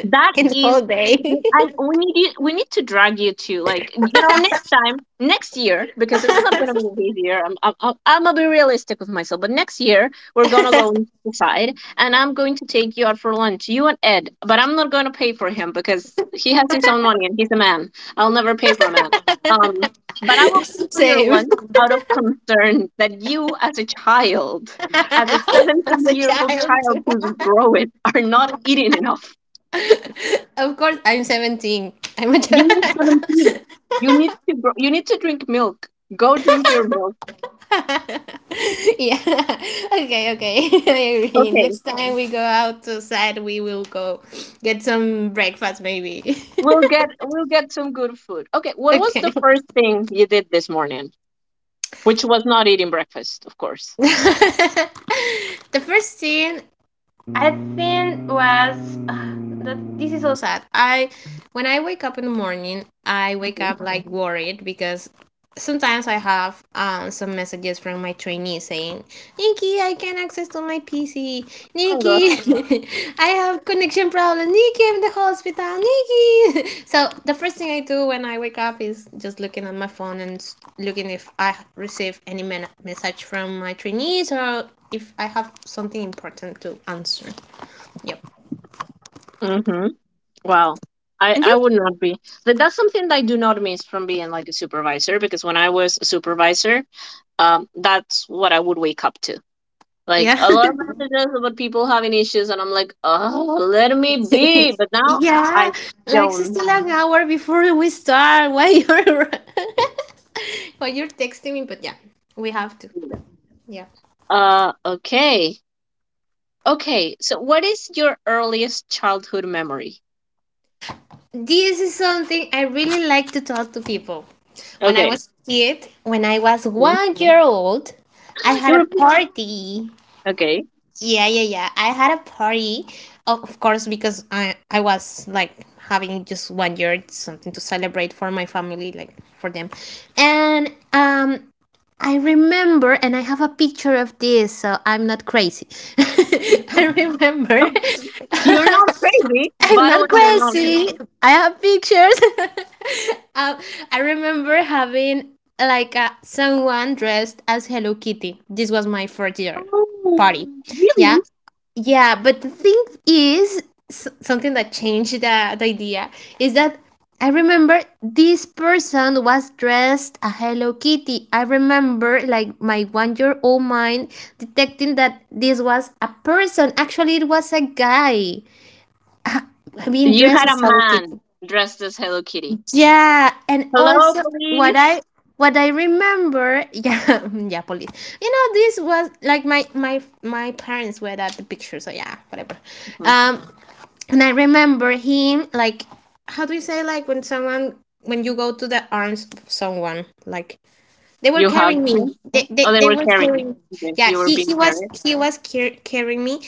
Speaker 1: That
Speaker 2: in the
Speaker 1: is,
Speaker 2: whole day.
Speaker 1: I we need you, we need to drag you to like, you know, next time next year, because it's not gonna be this year. I'm gonna be realistic with myself, but next year we're gonna go inside and I'm going to take you out for lunch, you and Ed. But I'm not gonna pay for him because he has his own money and he's a man. I'll never pay for a man. Um, but I will pay
Speaker 2: [laughs]
Speaker 1: for your
Speaker 2: Same.
Speaker 1: lunch out of concern that you, as a child, as a
Speaker 2: [laughs] As
Speaker 1: 17
Speaker 2: a
Speaker 1: year old
Speaker 2: child.
Speaker 1: child who's growing, are not eating enough.
Speaker 2: [laughs] Of course, I'm 17. I'm a
Speaker 1: You
Speaker 2: child.
Speaker 1: were 17. You need to grow, you need to drink milk. Go drink your milk.
Speaker 2: [laughs] Yeah. Okay, okay. [laughs] I agree.
Speaker 1: Okay.
Speaker 2: Next time we go outside, we will go get some breakfast, maybe. [laughs]
Speaker 1: We'll get some good food. Okay, what was the
Speaker 2: Okay.
Speaker 1: first thing you did this morning? Which was not eating breakfast, of course.
Speaker 2: [laughs] The first thing, I think, was [sighs] that this is so sad. I when I wake up in the morning, I wake
Speaker 1: Mm-hmm.
Speaker 2: up like worried because sometimes I have some messages from my trainees saying, Nikki, I can't access to my PC.
Speaker 1: I'm good.
Speaker 2: Nikki, [laughs] I have connection problem. Nikki, I'm in the hospital. Nikki. [laughs] So the first thing I do when I wake up is just looking at my phone and looking if I receive any message from my trainees or if I have something important to answer. Yep.
Speaker 1: Mm-hmm. Wow. I,
Speaker 2: And
Speaker 1: I
Speaker 2: you?
Speaker 1: would not be. That's something that I do not miss from being like a supervisor, because when I was a supervisor, that's what I would wake up to. Like
Speaker 2: Yeah.
Speaker 1: a lot
Speaker 2: [laughs]
Speaker 1: of messages about people having issues, and I'm like, oh, let me be. But now I
Speaker 2: Yeah, like it's
Speaker 1: don't.
Speaker 2: still an hour before we start. Why you're [laughs] why you're texting me? But yeah, we have to. Yeah,
Speaker 1: Uh, okay. Okay, so what is your earliest childhood memory?
Speaker 2: this is something I really like to talk to people.
Speaker 1: Okay.
Speaker 2: When I was
Speaker 1: Hmm.
Speaker 2: 1 year old, I had
Speaker 1: You're
Speaker 2: a party.
Speaker 1: okay. [laughs]
Speaker 2: Yeah, yeah, yeah. I had a party, of course, because I was like having just one year something to celebrate for my family, like for them, and I remember, and I have a picture of this, so I'm not crazy. [laughs] I remember,
Speaker 1: Okay. You're not
Speaker 2: [laughs]
Speaker 1: crazy.
Speaker 2: I'm
Speaker 1: By the way,
Speaker 2: not
Speaker 1: you're not
Speaker 2: crazy.
Speaker 1: crazy.
Speaker 2: I have pictures. [laughs] Uh, I remember having like a, someone dressed as Hello Kitty. This was my fourth year party.
Speaker 1: Oh,
Speaker 2: Yeah.
Speaker 1: really?
Speaker 2: Yeah, but the thing is, something that changed the idea is that I remember this person was dressed a Hello Kitty. I remember, like, my one year old mind detecting that this was a person. Actually, it was a guy being
Speaker 1: You
Speaker 2: dressed
Speaker 1: had a
Speaker 2: as Hello Kitty.
Speaker 1: man dressed as Hello Kitty.
Speaker 2: Yeah, and
Speaker 1: Hello,
Speaker 2: also what
Speaker 1: police.
Speaker 2: I what I remember, [laughs] yeah, yeah, police. You know, this was like my parents were at the picture, so yeah, whatever.
Speaker 1: Mhm.
Speaker 2: Um, and I remember him like, how do you say like when someone when you go to the arms of someone like they were
Speaker 1: You hugged
Speaker 2: carrying me.
Speaker 1: him.
Speaker 2: They,
Speaker 1: Oh,
Speaker 2: they,
Speaker 1: they
Speaker 2: they
Speaker 1: were
Speaker 2: were
Speaker 1: carrying.
Speaker 2: carrying.
Speaker 1: Okay.
Speaker 2: Yeah,
Speaker 1: You were
Speaker 2: he,
Speaker 1: being
Speaker 2: he was
Speaker 1: carried.
Speaker 2: he was car- carrying me,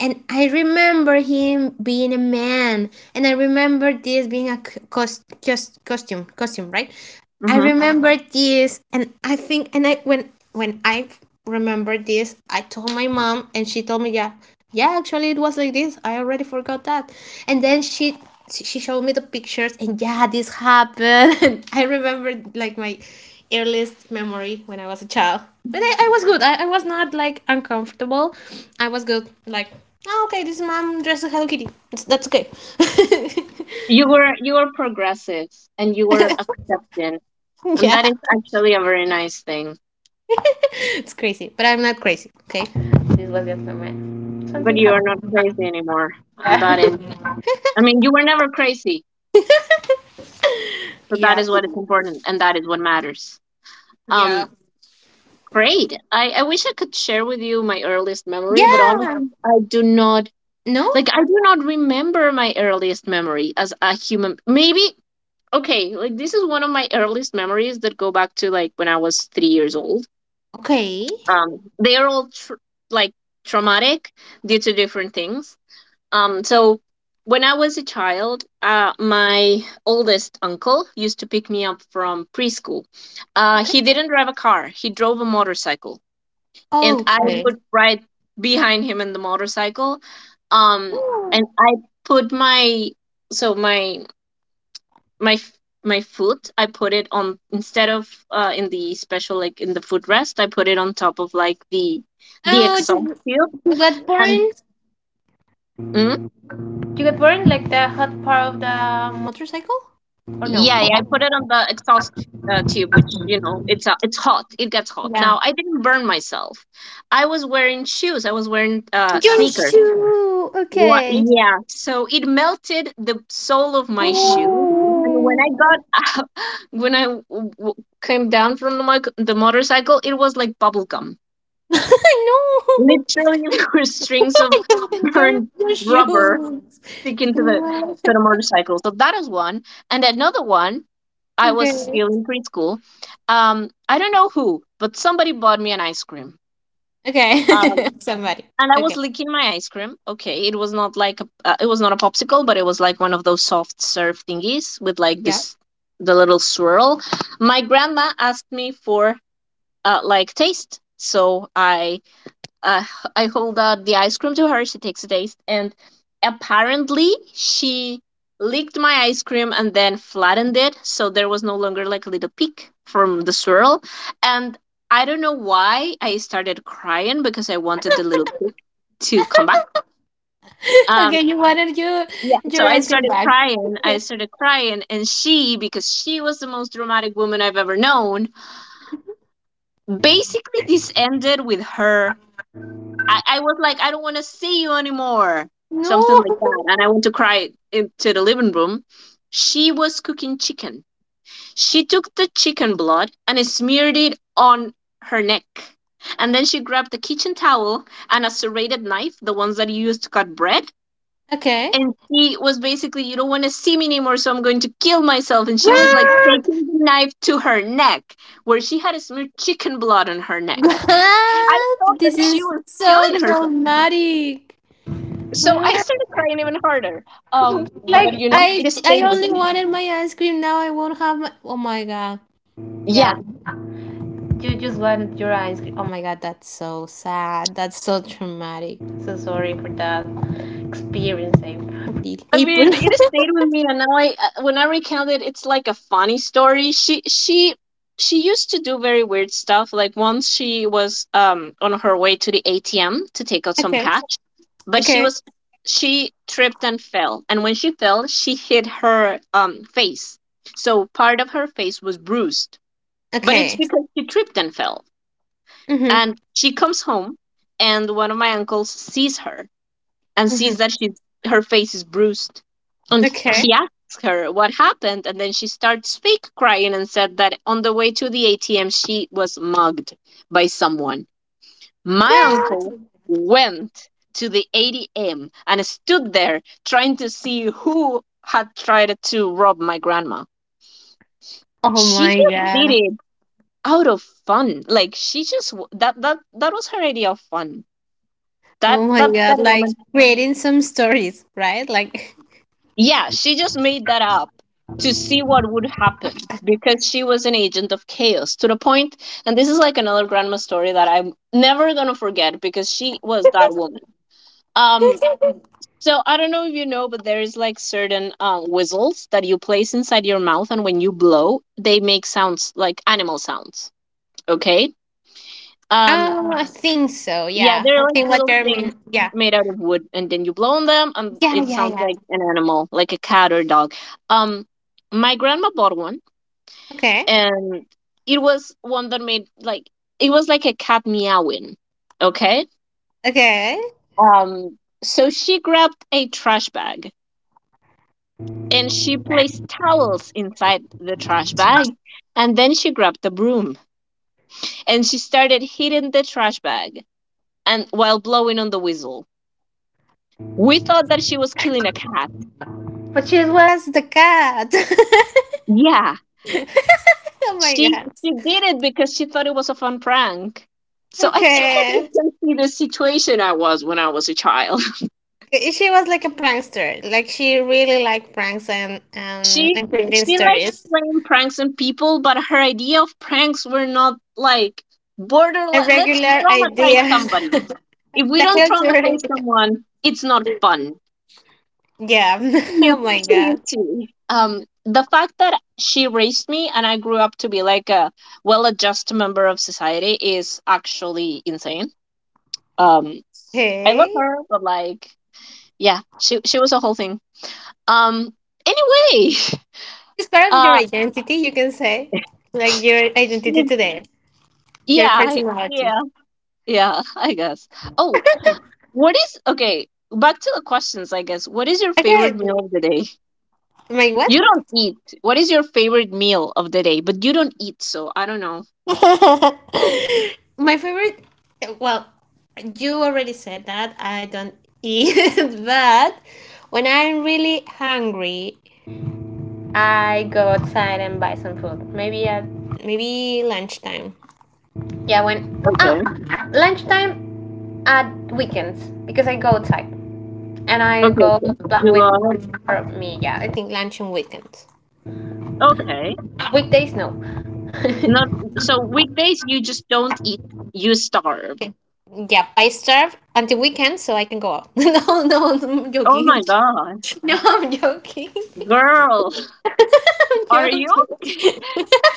Speaker 2: and I remember him being a man, and I remember this being a costume costume, right? I
Speaker 1: Hmm.
Speaker 2: remember this, and I think, and I when I remember this, I told my mom, and she told me, yeah, yeah, actually it was like this. I already forgot that. And then she showed me the pictures, and yeah, this happened. [laughs] And I remember like my earliest memory when I was a child. But I was good. I was not like uncomfortable. I was good, like, oh, okay, this mom dressed as Hello Kitty, that's okay.
Speaker 1: You were progressive and you were accepting, and
Speaker 2: [laughs]
Speaker 1: that
Speaker 2: Yeah.
Speaker 1: is actually a very nice thing.
Speaker 2: It's crazy, but I'm not crazy, okay? This was just my
Speaker 1: But
Speaker 2: something
Speaker 1: you are not
Speaker 2: happened.
Speaker 1: crazy anymore. And that is, I mean, you were never crazy,
Speaker 2: [laughs]
Speaker 1: but that
Speaker 2: Yeah.
Speaker 1: is what is important, and that is what matters.
Speaker 2: Yeah.
Speaker 1: Um, great. I wish I could share with you my earliest memory, but
Speaker 2: Yeah.
Speaker 1: honestly, I do not
Speaker 2: No.
Speaker 1: like. I do not remember my earliest memory as a human. Maybe okay, like this is one of my earliest memories that go back to like when I was 3 years old.
Speaker 2: Okay.
Speaker 1: They are all like traumatic due to different things. So when I was a child, my oldest uncle used to pick me up from preschool.
Speaker 2: Okay.
Speaker 1: He didn't drive a car, he drove a motorcycle. And I
Speaker 2: Okay.
Speaker 1: would ride behind him in the motorcycle. Um, and I put my, so my, f- My foot, I put it on, instead of in the special, like in the footrest, I put it on top of like the
Speaker 2: Oh,
Speaker 1: exhaust
Speaker 2: you,
Speaker 1: tube.
Speaker 2: you got
Speaker 1: And
Speaker 2: burned?
Speaker 1: mm,
Speaker 2: You got burned like the hot part of the motorcycle, or no?
Speaker 1: Yeah, yeah, I put it on the exhaust tube, which, you know, it's hot. It gets hot.
Speaker 2: Yeah.
Speaker 1: Now, I didn't burn myself. I was wearing shoes. I was wearing
Speaker 2: Your
Speaker 1: sneakers.
Speaker 2: shoe.
Speaker 1: What?
Speaker 2: Okay.
Speaker 1: Yeah. So it melted the sole of my shoe, and when I
Speaker 2: Oh.
Speaker 1: got [laughs] out, when I w- w- came down from the motorcycle, it was like bubble gum.
Speaker 2: [laughs] No.
Speaker 1: Literally, [laughs] there were strings of
Speaker 2: I don't enjoy
Speaker 1: burned
Speaker 2: [laughs] your
Speaker 1: rubber
Speaker 2: shoes.
Speaker 1: sticking
Speaker 2: No.
Speaker 1: to the motorcycle. So that is one, and another one. I was
Speaker 2: Okay.
Speaker 1: still in preschool. I don't know who, but somebody bought me an ice cream.
Speaker 2: Okay.
Speaker 1: Um,
Speaker 2: [laughs] Somebody.
Speaker 1: and I was
Speaker 2: Okay.
Speaker 1: licking my ice cream. Okay, it was not like a, it was not a popsicle, but it was like one of those soft serve thingies with like
Speaker 2: Yeah.
Speaker 1: this the little swirl. My grandma asked me for like taste, so uh, I hold out the ice cream to her. She takes a taste, and apparently she licked my ice cream and then flattened it, so there was no longer like a little peak from the swirl. And I don't know why I started crying because I wanted the little peak to come back. Um,
Speaker 2: Okay, you wanted
Speaker 1: yeah, so
Speaker 2: your
Speaker 1: I
Speaker 2: ice cream
Speaker 1: started
Speaker 2: bag.
Speaker 1: crying. I
Speaker 2: [laughs]
Speaker 1: started crying, and she, because she was the most dramatic woman I've ever known, basically this ended with her I was like, I don't want to see you anymore.
Speaker 2: No.
Speaker 1: Something like that. And I went to cry into the living room. She was cooking chicken. She took the chicken blood and smeared it on her neck. And then she grabbed the kitchen towel and a serrated knife, the ones that you use to cut bread.
Speaker 2: Okay.
Speaker 1: And she was basically, "You don't want to see me anymore, so I'm going to kill myself." And she was like
Speaker 2: [laughs]
Speaker 1: taking the knife to her neck, where she had smeared chicken blood on her neck. I
Speaker 2: What?
Speaker 1: thought that
Speaker 2: This
Speaker 1: she
Speaker 2: is
Speaker 1: was
Speaker 2: so
Speaker 1: killing herself.
Speaker 2: traumatic.
Speaker 1: So I started crying even harder. Um, but
Speaker 2: Like
Speaker 1: you know, it has
Speaker 2: I
Speaker 1: stayed with
Speaker 2: only
Speaker 1: me.
Speaker 2: wanted my ice cream, now I won't have my. Oh my god.
Speaker 1: Yeah.
Speaker 2: Yeah, you just wanted your ice cream. Oh my god, that's so sad. That's so traumatic. So sorry for that experience, April.
Speaker 1: I
Speaker 2: April.
Speaker 1: mean, it has
Speaker 2: [laughs]
Speaker 1: stayed with me, and now when I recount it, it's like a funny story. She used to do very weird stuff. Like once she was on her way to the ATM to take out some
Speaker 2: Okay.
Speaker 1: cash, but
Speaker 2: Okay.
Speaker 1: she tripped and fell, and when she fell, she hit her face. So part of her face was bruised, but it's
Speaker 2: Okay.
Speaker 1: because she tripped and fell.
Speaker 2: Mm-hmm.
Speaker 1: And she comes home, and one of my uncles sees her and sees
Speaker 2: Mm-hmm.
Speaker 1: her face is bruised. And he
Speaker 2: Okay.
Speaker 1: asks her what happened, and then she starts fake crying and said that on the way to the ATM, she was mugged by someone. My
Speaker 2: Well.
Speaker 1: uncle went to the ATM and stood there trying to see who had tried to rob my grandma.
Speaker 2: Oh
Speaker 1: She
Speaker 2: my
Speaker 1: just did
Speaker 2: god.
Speaker 1: it out of fun. Like she just that was her idea of fun. That
Speaker 2: Oh my
Speaker 1: that that
Speaker 2: god. Like
Speaker 1: woman,
Speaker 2: creating some stories, right? Like
Speaker 1: yeah, she just made that up to see what would happen because she was an agent of chaos to the point. And this is like another grandma story that I'm never gonna forget because she was that woman. Um,
Speaker 2: [laughs]
Speaker 1: so I don't know if you know, but there is like certain whistles that you place inside your mouth, and when you blow, they make sounds like animal sounds. Okay. Um,
Speaker 2: oh, I think so.
Speaker 1: Yeah,
Speaker 2: Yeah,
Speaker 1: they're
Speaker 2: I
Speaker 1: like
Speaker 2: think what
Speaker 1: little
Speaker 2: you
Speaker 1: things
Speaker 2: mean. Yeah,
Speaker 1: made out of wood, and then you blow on them, and
Speaker 2: yeah,
Speaker 1: it
Speaker 2: yeah,
Speaker 1: sounds
Speaker 2: yeah.
Speaker 1: like an animal, like a cat or dog. Um, my grandma bought one,
Speaker 2: Okay,
Speaker 1: and it was one that made like it was like a cat meowing. Okay.
Speaker 2: okay.
Speaker 1: Um, so she grabbed a trash bag and she placed towels inside the trash bag, and then she grabbed a broom and she started hitting the trash bag and while blowing on the whistle. We thought that she was killing a cat.
Speaker 2: But she was the cat. [laughs]
Speaker 1: Yeah,
Speaker 2: Oh my
Speaker 1: She
Speaker 2: god.
Speaker 1: she did it because she thought it was a fun prank. So I think that you
Speaker 2: Okay.
Speaker 1: can see the situation I was when I was a child. [laughs]
Speaker 2: She was like a prankster. Like she really liked pranks and and,
Speaker 1: She
Speaker 2: and creating
Speaker 1: she liked
Speaker 2: stories.
Speaker 1: playing pranks on people, but her idea of pranks were not like
Speaker 2: A
Speaker 1: borderline. Let's
Speaker 2: regular
Speaker 1: traumatize
Speaker 2: idea. [laughs]
Speaker 1: somebody. If we
Speaker 2: The
Speaker 1: don't
Speaker 2: hell's your
Speaker 1: traumatize
Speaker 2: idea?
Speaker 1: someone, it's not fun.
Speaker 2: Yeah. [laughs] Oh
Speaker 1: You
Speaker 2: my
Speaker 1: you
Speaker 2: god.
Speaker 1: too. The fact that she raised me and I grew up to be like a well-adjusted member of society is actually insane. Um, I love
Speaker 2: Okay.
Speaker 1: her, but like, yeah, she was a whole thing. Um, anyway,
Speaker 2: It's
Speaker 1: [laughs]
Speaker 2: part of your
Speaker 1: uh,
Speaker 2: identity, you can say. Like your identity
Speaker 1: y-
Speaker 2: today, your
Speaker 1: yeah, I-
Speaker 2: personality.
Speaker 1: yeah, yeah, I guess. Oh, what is okay? Back to the questions, I guess. What is your favorite
Speaker 2: Okay.
Speaker 1: meal of the day?
Speaker 2: My what?
Speaker 1: You don't eat. What is your favorite meal of the day? But you don't eat, so I don't know.
Speaker 2: [laughs] My favorite. Well, you already said that I don't eat, [laughs] but when I'm really hungry, I go outside and buy some food. Maybe at maybe lunchtime. Yeah, when oh
Speaker 1: Okay.
Speaker 2: lunchtime at weekends because I go outside and I
Speaker 1: Okay,
Speaker 2: go
Speaker 1: so
Speaker 2: plan
Speaker 1: you
Speaker 2: with
Speaker 1: got.
Speaker 2: for me. Yeah, I think lunch and weekends.
Speaker 1: Okay.
Speaker 2: Weekdays no.
Speaker 1: Not
Speaker 2: [laughs]
Speaker 1: so weekdays you just don't eat. You starve.
Speaker 2: Yep, I starve until weekend so I can go out. [laughs] No, no, I'm
Speaker 1: Oh my
Speaker 2: joking. [laughs]
Speaker 1: God,
Speaker 2: No, I'm joking.
Speaker 1: girl,
Speaker 2: I'm
Speaker 1: [laughs] are you
Speaker 2: joking.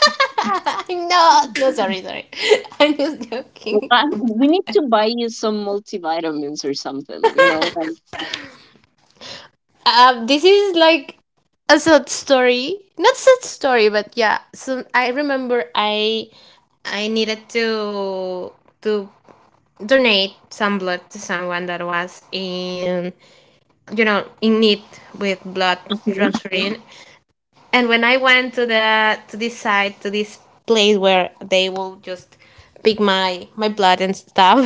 Speaker 2: [laughs] I'm not. No, sorry, sorry. [laughs] I'm just
Speaker 1: w-
Speaker 2: joking.
Speaker 1: I- we need to buy you some multivitamins or something, like.
Speaker 2: This is like a sad story. Not sad story, but yeah. So I remember I needed to donate some blood to someone that was in you know in need with blood
Speaker 1: Mhm,
Speaker 2: transfusion. [laughs] And when I went to the to this side to this place where they will just pick my blood and stuff,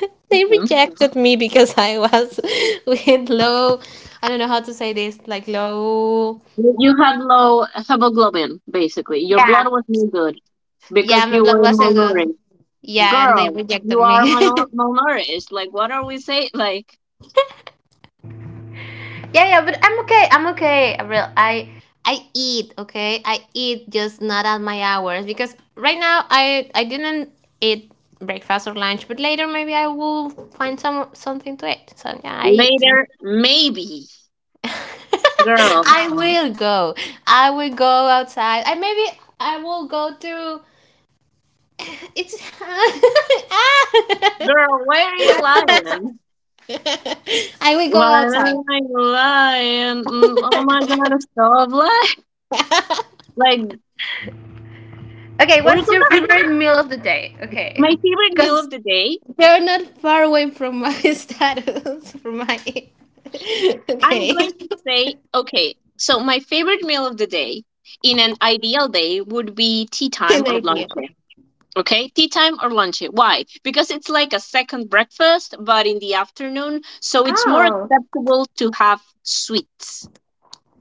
Speaker 2: [laughs] they
Speaker 1: mhm.
Speaker 2: rejected me because I was [laughs] with low. I don't know how to say this. Like low.
Speaker 1: You had low hemoglobin, basically. Your blood
Speaker 2: Yeah.
Speaker 1: was no good
Speaker 2: Yeah,
Speaker 1: because
Speaker 2: my
Speaker 1: you
Speaker 2: blood
Speaker 1: were
Speaker 2: wasn't good.
Speaker 1: malnourished.
Speaker 2: Yeah, and they
Speaker 1: Girl,
Speaker 2: rejected
Speaker 1: you are
Speaker 2: me.
Speaker 1: mal-
Speaker 2: [laughs]
Speaker 1: malnourished. Like, what are we saying? Like,
Speaker 2: Yeah, yeah, but I'm okay. I'm okay. I real. I eat, okay? I eat just not at my hours because right now I didn't eat breakfast or lunch, but later maybe I will find some something to eat. So yeah, I eat.
Speaker 1: later, maybe.
Speaker 2: [laughs]
Speaker 1: Girl,
Speaker 2: I will go. I will go outside. I maybe I will go to it's. [laughs]
Speaker 1: girl, why are you lying?
Speaker 2: I will go
Speaker 1: Why
Speaker 2: outside.
Speaker 1: are you lying? Oh my God, stop lying. [laughs] Like,
Speaker 2: Okay,
Speaker 1: we're
Speaker 2: what's your
Speaker 1: gonna,
Speaker 2: favorite meal of the day?
Speaker 1: my
Speaker 2: Okay.
Speaker 1: favorite meal
Speaker 2: Because
Speaker 1: of the day,
Speaker 2: they're not far away from my [laughs] status, from my. [laughs]
Speaker 1: I'm
Speaker 2: Okay,
Speaker 1: going to say, okay, so my favorite meal of the day in an ideal day would be tea
Speaker 2: [laughs]
Speaker 1: time
Speaker 2: an
Speaker 1: or lunch.
Speaker 2: idea.
Speaker 1: Okay, tea time or lunch. Why? Because it's like a second breakfast, but in the afternoon, so it's more
Speaker 2: Oh,
Speaker 1: acceptable to have sweets.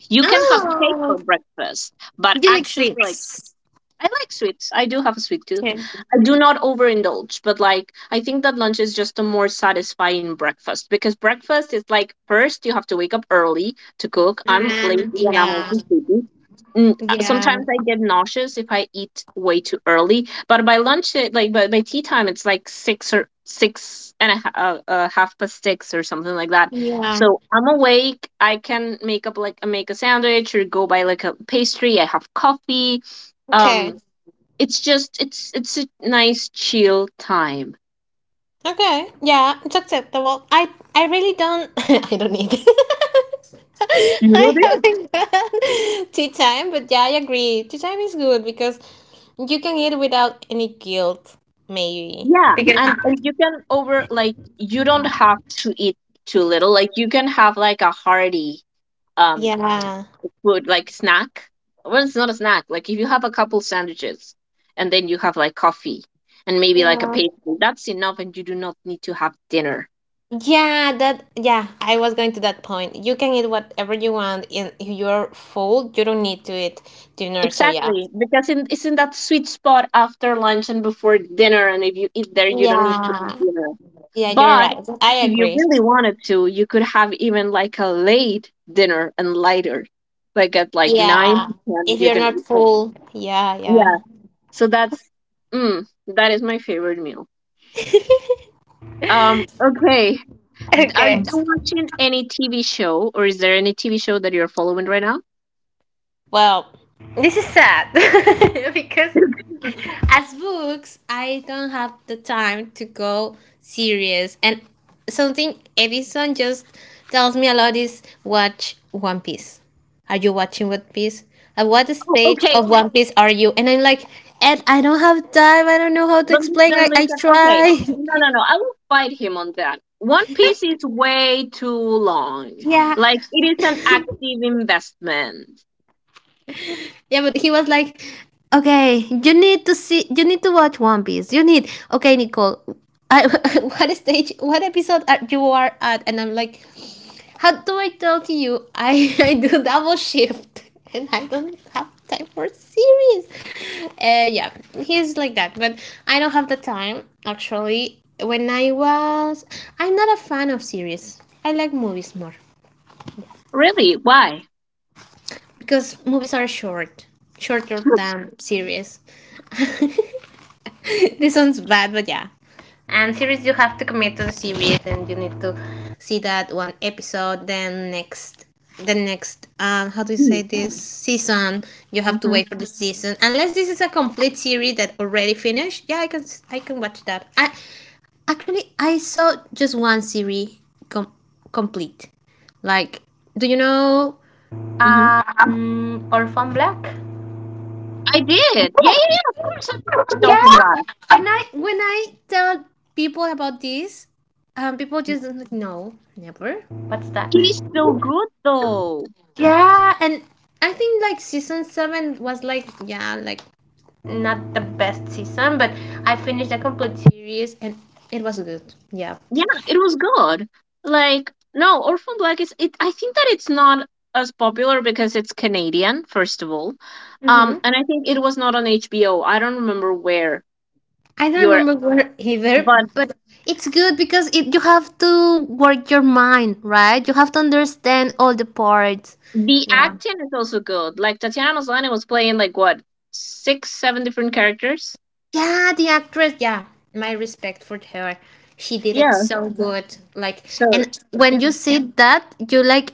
Speaker 1: You can have cake for
Speaker 2: oh,
Speaker 1: breakfast, but
Speaker 2: you like
Speaker 1: actually, like
Speaker 2: sweets?
Speaker 1: I like sweets. I do have a sweet tooth.
Speaker 2: Okay.
Speaker 1: I do not overindulge, but like I think that lunch is just a more satisfying breakfast because breakfast is like first you have to wake up early to cook. I'm lazy and I'm
Speaker 2: Yeah,
Speaker 1: also sleepy.
Speaker 2: yeah,
Speaker 1: Sometimes I get nauseous if I eat way too early, but by lunch, like by tea time, it's like 6 or six and a ha- half past six or something like that.
Speaker 2: yeah.
Speaker 1: So I'm awake. I can make up like make a sandwich or go buy like a pastry. I have coffee.
Speaker 2: Okay,
Speaker 1: Um, it's just it's a nice chill time.
Speaker 2: okay, yeah, it's acceptable. I really don't. [laughs] I don't need. [laughs]
Speaker 1: You know
Speaker 2: I
Speaker 1: this?
Speaker 2: haven't had tea time, but yeah, I agree. Tea time is good because you can eat without any guilt, maybe.
Speaker 1: Yeah, and you can over like you don't have to eat too little. Like you can have like a hearty um
Speaker 2: Yeah.
Speaker 1: food like snack. Well, it's not a snack. Like if you have a couple sandwiches and then you have like coffee and maybe like a
Speaker 2: Yeah.
Speaker 1: pastry, that's enough, and you do not need to have dinner.
Speaker 2: Yeah, that yeah, I was going to that point. You can eat whatever you want in your full. You don't need to eat dinner, so yeah.
Speaker 1: Exactly, because it's in that sweet spot after lunch and before dinner, and if you eat there, you don't need to eat
Speaker 2: Yeah.
Speaker 1: dinner.
Speaker 2: Yeah, you're
Speaker 1: But
Speaker 2: right. I
Speaker 1: if you
Speaker 2: agree.
Speaker 1: really wanted to, you could have even like a late dinner and later, like at like 9,
Speaker 2: Yeah.
Speaker 1: 10,
Speaker 2: If
Speaker 1: you
Speaker 2: you're
Speaker 1: can
Speaker 2: not
Speaker 1: eat it.
Speaker 2: full, yeah,
Speaker 1: Yeah.
Speaker 2: yeah.
Speaker 1: So that is my favorite meal. Okay. Are you
Speaker 2: Okay.
Speaker 1: watching any TV show, or is there any TV show that you're following right now?
Speaker 2: Well, this is sad [laughs] because
Speaker 1: [laughs]
Speaker 2: as books I don't have the time to go serious, and something Edison just tells me a lot is watch One Piece. Are you watching One Piece? At what
Speaker 1: Oh,
Speaker 2: stage
Speaker 1: okay.
Speaker 2: of One Piece are you? And I'm like, Ed, I don't have time. I don't know how to
Speaker 1: But
Speaker 2: explain.
Speaker 1: listen,
Speaker 2: I
Speaker 1: listen. Okay.
Speaker 2: try.
Speaker 1: No, no, no. I will fight him on that. One Piece is way too long.
Speaker 2: [laughs] Yeah.
Speaker 1: Like, it is an active investment.
Speaker 2: Yeah, but he was like, okay, you need to see, you need to watch One Piece. You need, okay, Nicole, I, [laughs] what stage, what episode are, you are at? And I'm like, how do I tell to you? I, [laughs] I do double shift [laughs] and I don't have time for series. Yeah, he's like that, but I don't have the time actually. When I was, I'm not a fan of series. I like movies more.
Speaker 1: Really? Why?
Speaker 2: Because movies are short, shorter than series. [laughs] This sounds bad, but yeah. And series, you have to commit to the series, and you need to see that one episode. Then next, the next, how do you say
Speaker 1: Mm.
Speaker 2: this season? You have to
Speaker 1: Mhm.
Speaker 2: wait for the season, unless this is a complete series that already finished. Yeah, I can watch that. I actually, I saw just one series com- complete. Like, do you know
Speaker 1: Mhm.
Speaker 2: Orphan Black.
Speaker 1: I did. Yeah, yeah, yeah. Of course, I watched Orphan
Speaker 2: Yeah.
Speaker 1: Black.
Speaker 2: When I tell people about this, people just like no, never. What's that?
Speaker 1: It is
Speaker 2: [laughs]
Speaker 1: so good, though.
Speaker 2: Yeah, and I think like season 7 was like yeah, like not the best season, but I finished the complete series and it was good. Yeah,
Speaker 1: Yeah, it was good. Like, no, Orphan Black is it. I think that it's not as popular because it's Canadian, first of all. And I think it was not on HBO. I don't remember where
Speaker 2: I
Speaker 1: you
Speaker 2: don't
Speaker 1: were,
Speaker 2: remember where either,
Speaker 1: but
Speaker 2: but it's good because it you have to work your mind, right? You have to understand all the parts.
Speaker 1: the
Speaker 2: Yeah.
Speaker 1: acting is also good. Like Tatiana Maslany was playing like what 6, 7 different characters.
Speaker 2: Yeah, the actress. Yeah, my respect for her. She did it
Speaker 1: Yeah.
Speaker 2: so good. Like,
Speaker 1: So,
Speaker 2: and when
Speaker 1: you
Speaker 2: you
Speaker 1: know.
Speaker 2: see yeah, that, you like,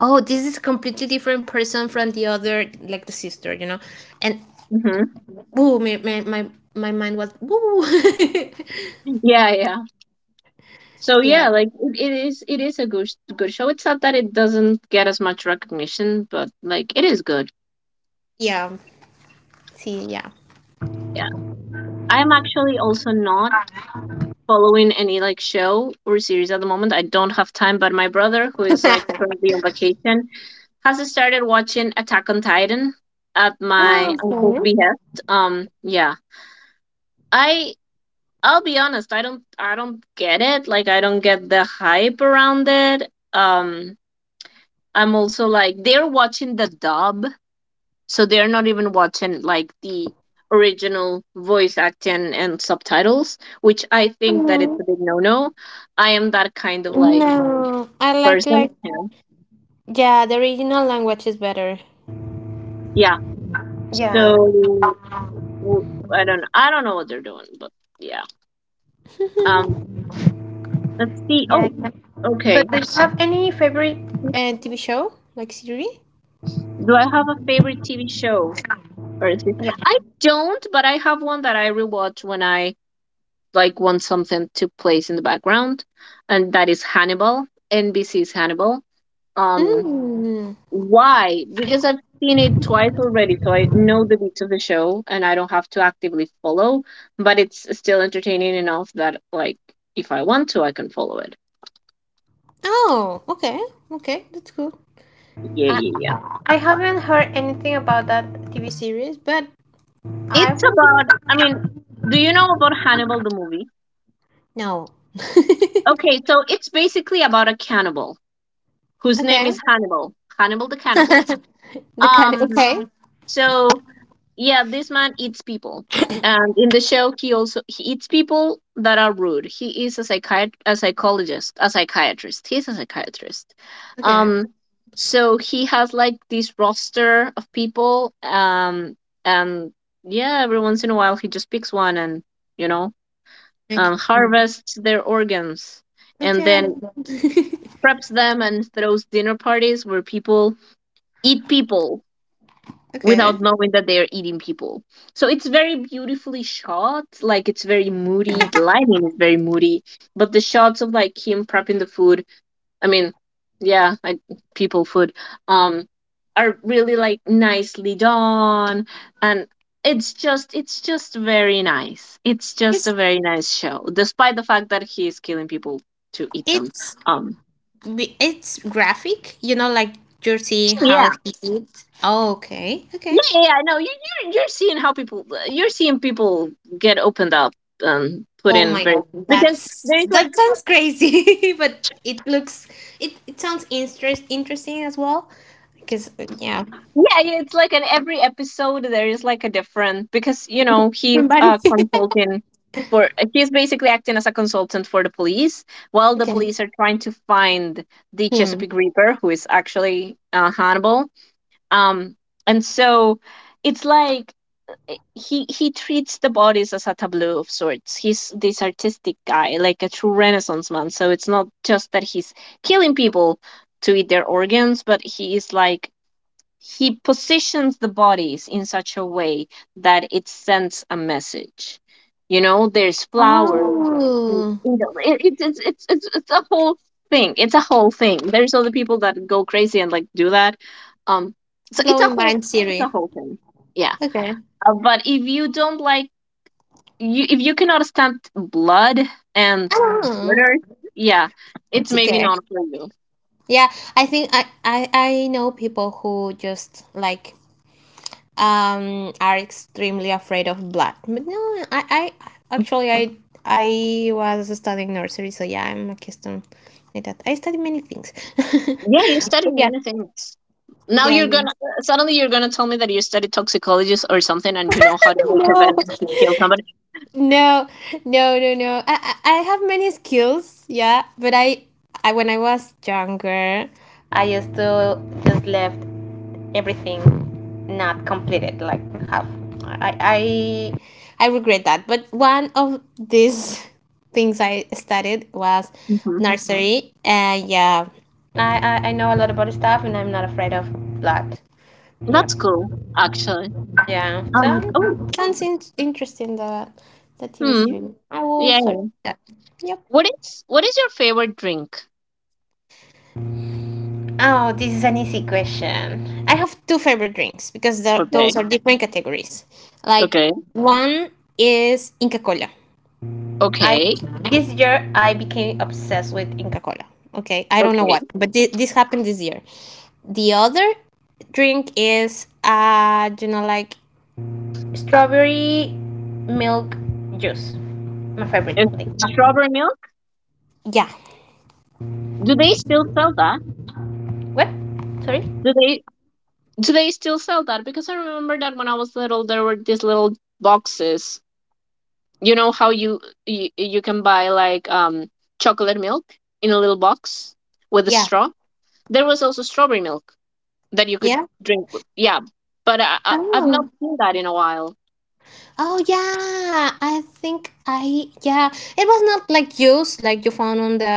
Speaker 2: oh, this is completely different person from the other, like the sister, you know. And
Speaker 1: Hmm.
Speaker 2: woo, my mind was woo.
Speaker 1: Yeah, yeah.
Speaker 2: [laughs]
Speaker 1: So yeah,
Speaker 2: Yeah,
Speaker 1: like it is a good show. It's not that it doesn't get as much recognition, but like it is good.
Speaker 2: yeah. See, yeah.
Speaker 1: Yeah. I'm actually also not following any like show or series at the moment. I don't have time, but my brother, who
Speaker 2: [laughs]
Speaker 1: is
Speaker 2: Okay.
Speaker 1: like currently on vacation, has started watching Attack on Titan at my uncle's behest. Yeah. I I'll be honest, I don't get it. Like I don't get the hype around it. Um I'm also like they're watching the dub, so they're not even watching like the original voice acting and subtitles, which I think that it's a big no-no. I am that kind of like
Speaker 2: No, I
Speaker 1: person,
Speaker 2: like
Speaker 1: yeah.
Speaker 2: yeah. The original language is better.
Speaker 1: Yeah.
Speaker 2: Yeah.
Speaker 1: So w- I don't know what they're doing, but yeah. um let's see.
Speaker 2: Yeah, I
Speaker 1: Oh,
Speaker 2: can.
Speaker 1: okay.
Speaker 2: But do you have any favorite
Speaker 1: Mm-hmm.
Speaker 2: TV show like series?
Speaker 1: Do I have a favorite TV show, or is it?
Speaker 2: Yeah.
Speaker 1: I don't, but I have one that I rewatch when I like want something to place in the background, and that is Hannibal. NBC's Hannibal. Um,
Speaker 2: Mm.
Speaker 1: why? Because I've seen it twice already, so I know the beats of the show and I don't have to actively follow, but it's still entertaining enough that like if I want to, I can follow it.
Speaker 2: Oh, okay, okay, that's cool.
Speaker 1: Yeah,
Speaker 2: I,
Speaker 1: yeah, yeah.
Speaker 2: I haven't heard anything about that TV series, but I
Speaker 1: It's
Speaker 2: would
Speaker 1: about, I mean, do you know about Hannibal the movie?
Speaker 2: no.
Speaker 1: Okay, so it's basically about a cannibal whose name
Speaker 2: Okay,
Speaker 1: is Hannibal, Hannibal the
Speaker 2: [laughs]
Speaker 1: cannibal.
Speaker 2: the kind. Of,
Speaker 1: Um,
Speaker 2: okay,
Speaker 1: so yeah, this man eats people, and in the show, he also he eats people that are rude. He is a psychiat a psychologist a psychiatrist he's a psychiatrist.
Speaker 2: okay,
Speaker 1: um so he has like this roster of people, and yeah, every once in a while he just picks one, and you know
Speaker 2: okay,
Speaker 1: harvests their organs, and
Speaker 2: okay,
Speaker 1: then preps them and throws dinner parties where people eat people
Speaker 2: okay.
Speaker 1: without knowing that they are eating people. So it's very beautifully shot. Like it's very moody. The lighting is very moody. But the shots of like him prepping the food, I mean, yeah, people food, um, are really like nicely done, and it's just very nice. It's just a
Speaker 2: It's
Speaker 1: very nice show, despite the fact that he is killing people to eat them.
Speaker 2: it's
Speaker 1: Um,
Speaker 2: it's graphic. You know, like you're
Speaker 1: so,
Speaker 2: seeing
Speaker 1: yeah.
Speaker 2: how he eats. Oh, okay, okay.
Speaker 1: Yeah, yeah, I know. You're seeing how people you're seeing people get opened up and put
Speaker 2: Oh
Speaker 1: in
Speaker 2: my
Speaker 1: very
Speaker 2: god,
Speaker 1: because
Speaker 2: that's
Speaker 1: there's like
Speaker 2: that sounds crazy, [laughs] but it looks it sounds interest interesting as well. Because yeah,
Speaker 1: yeah, yeah, it's like in every episode there is like a different because You know, he's
Speaker 2: somebody
Speaker 1: a consultant for he's basically acting as a consultant for the police while
Speaker 2: [laughs]
Speaker 1: the
Speaker 2: okay
Speaker 1: police are trying to find the
Speaker 2: him.
Speaker 1: Chesapeake Reaper, who is actually Hannibal. Um, and so it's like he treats the bodies as a tableau of sorts. He's this artistic guy, like a true Renaissance man. So it's not just that he's killing people to eat their organs, but he is like he positions the bodies in such a way that it sends a message. You know, there's flowers. And You
Speaker 2: Oh,
Speaker 1: know, it's a whole thing. It's a whole thing. There's other people that go crazy and like do that. Um, so
Speaker 2: blowing mind
Speaker 1: it's
Speaker 2: Siri.
Speaker 1: a whole thing. Yeah.
Speaker 2: Okay.
Speaker 1: But if you don't like you if you cannot stand blood and
Speaker 2: Oh,
Speaker 1: murder, yeah, it's
Speaker 2: it's
Speaker 1: maybe
Speaker 2: okay.
Speaker 1: not for you.
Speaker 2: Yeah, I think I know people who just like are extremely afraid of blood. But no, I actually I was studying nursery, so yeah, I'm accustomed like that. I study many things.
Speaker 1: Yeah, you studied
Speaker 2: [laughs] Yeah.
Speaker 1: many things. Now
Speaker 2: Yeah. Yeah.
Speaker 1: you're gonna tell me that you studied toxicology or something and you know how to make a
Speaker 2: No,
Speaker 1: venom to kill somebody.
Speaker 2: [laughs] no, no, no, no. I have many skills, yeah, but I when I was younger, I used to just left everything not completed like half. i i I regret that, but one of these [laughs] things I studied was
Speaker 1: Hmm.
Speaker 2: nursery, and yeah, I know a lot about stuff, and I'm not afraid of blood. Yep.
Speaker 1: That's cool, actually.
Speaker 2: Yeah, so
Speaker 1: Oh.
Speaker 2: sounds interesting the TV
Speaker 1: Hmm.
Speaker 2: series. I will
Speaker 1: Yeah,
Speaker 2: search
Speaker 1: yeah.
Speaker 2: that. Yep.
Speaker 1: What is your favorite drink?
Speaker 2: Oh, this is an easy question. I have two favorite drinks because
Speaker 1: Okay.
Speaker 2: those are different categories. Like
Speaker 1: Okay.
Speaker 2: one is Inca Cola. I
Speaker 1: Okay.
Speaker 2: this year I became obsessed with Inca Cola. Okay, I don't know
Speaker 1: Okay.
Speaker 2: what, but this happened this year. The other drink is you know like strawberry milk juice. My favorite
Speaker 1: Is
Speaker 2: thing.
Speaker 1: strawberry milk?
Speaker 2: Yeah.
Speaker 1: Do they still sell that?
Speaker 2: What? Sorry.
Speaker 1: Do they Do they still sell that? Because I remember that when I was little, there were these little boxes. You know how you can buy like chocolate milk in a little box with a
Speaker 2: Yeah.
Speaker 1: straw. There was also strawberry milk that you could
Speaker 2: Yeah.
Speaker 1: drink. Yeah, but I've not
Speaker 2: Oh.
Speaker 1: seen that in a while.
Speaker 2: Oh yeah, I think I yeah. It was not like juice like you found on the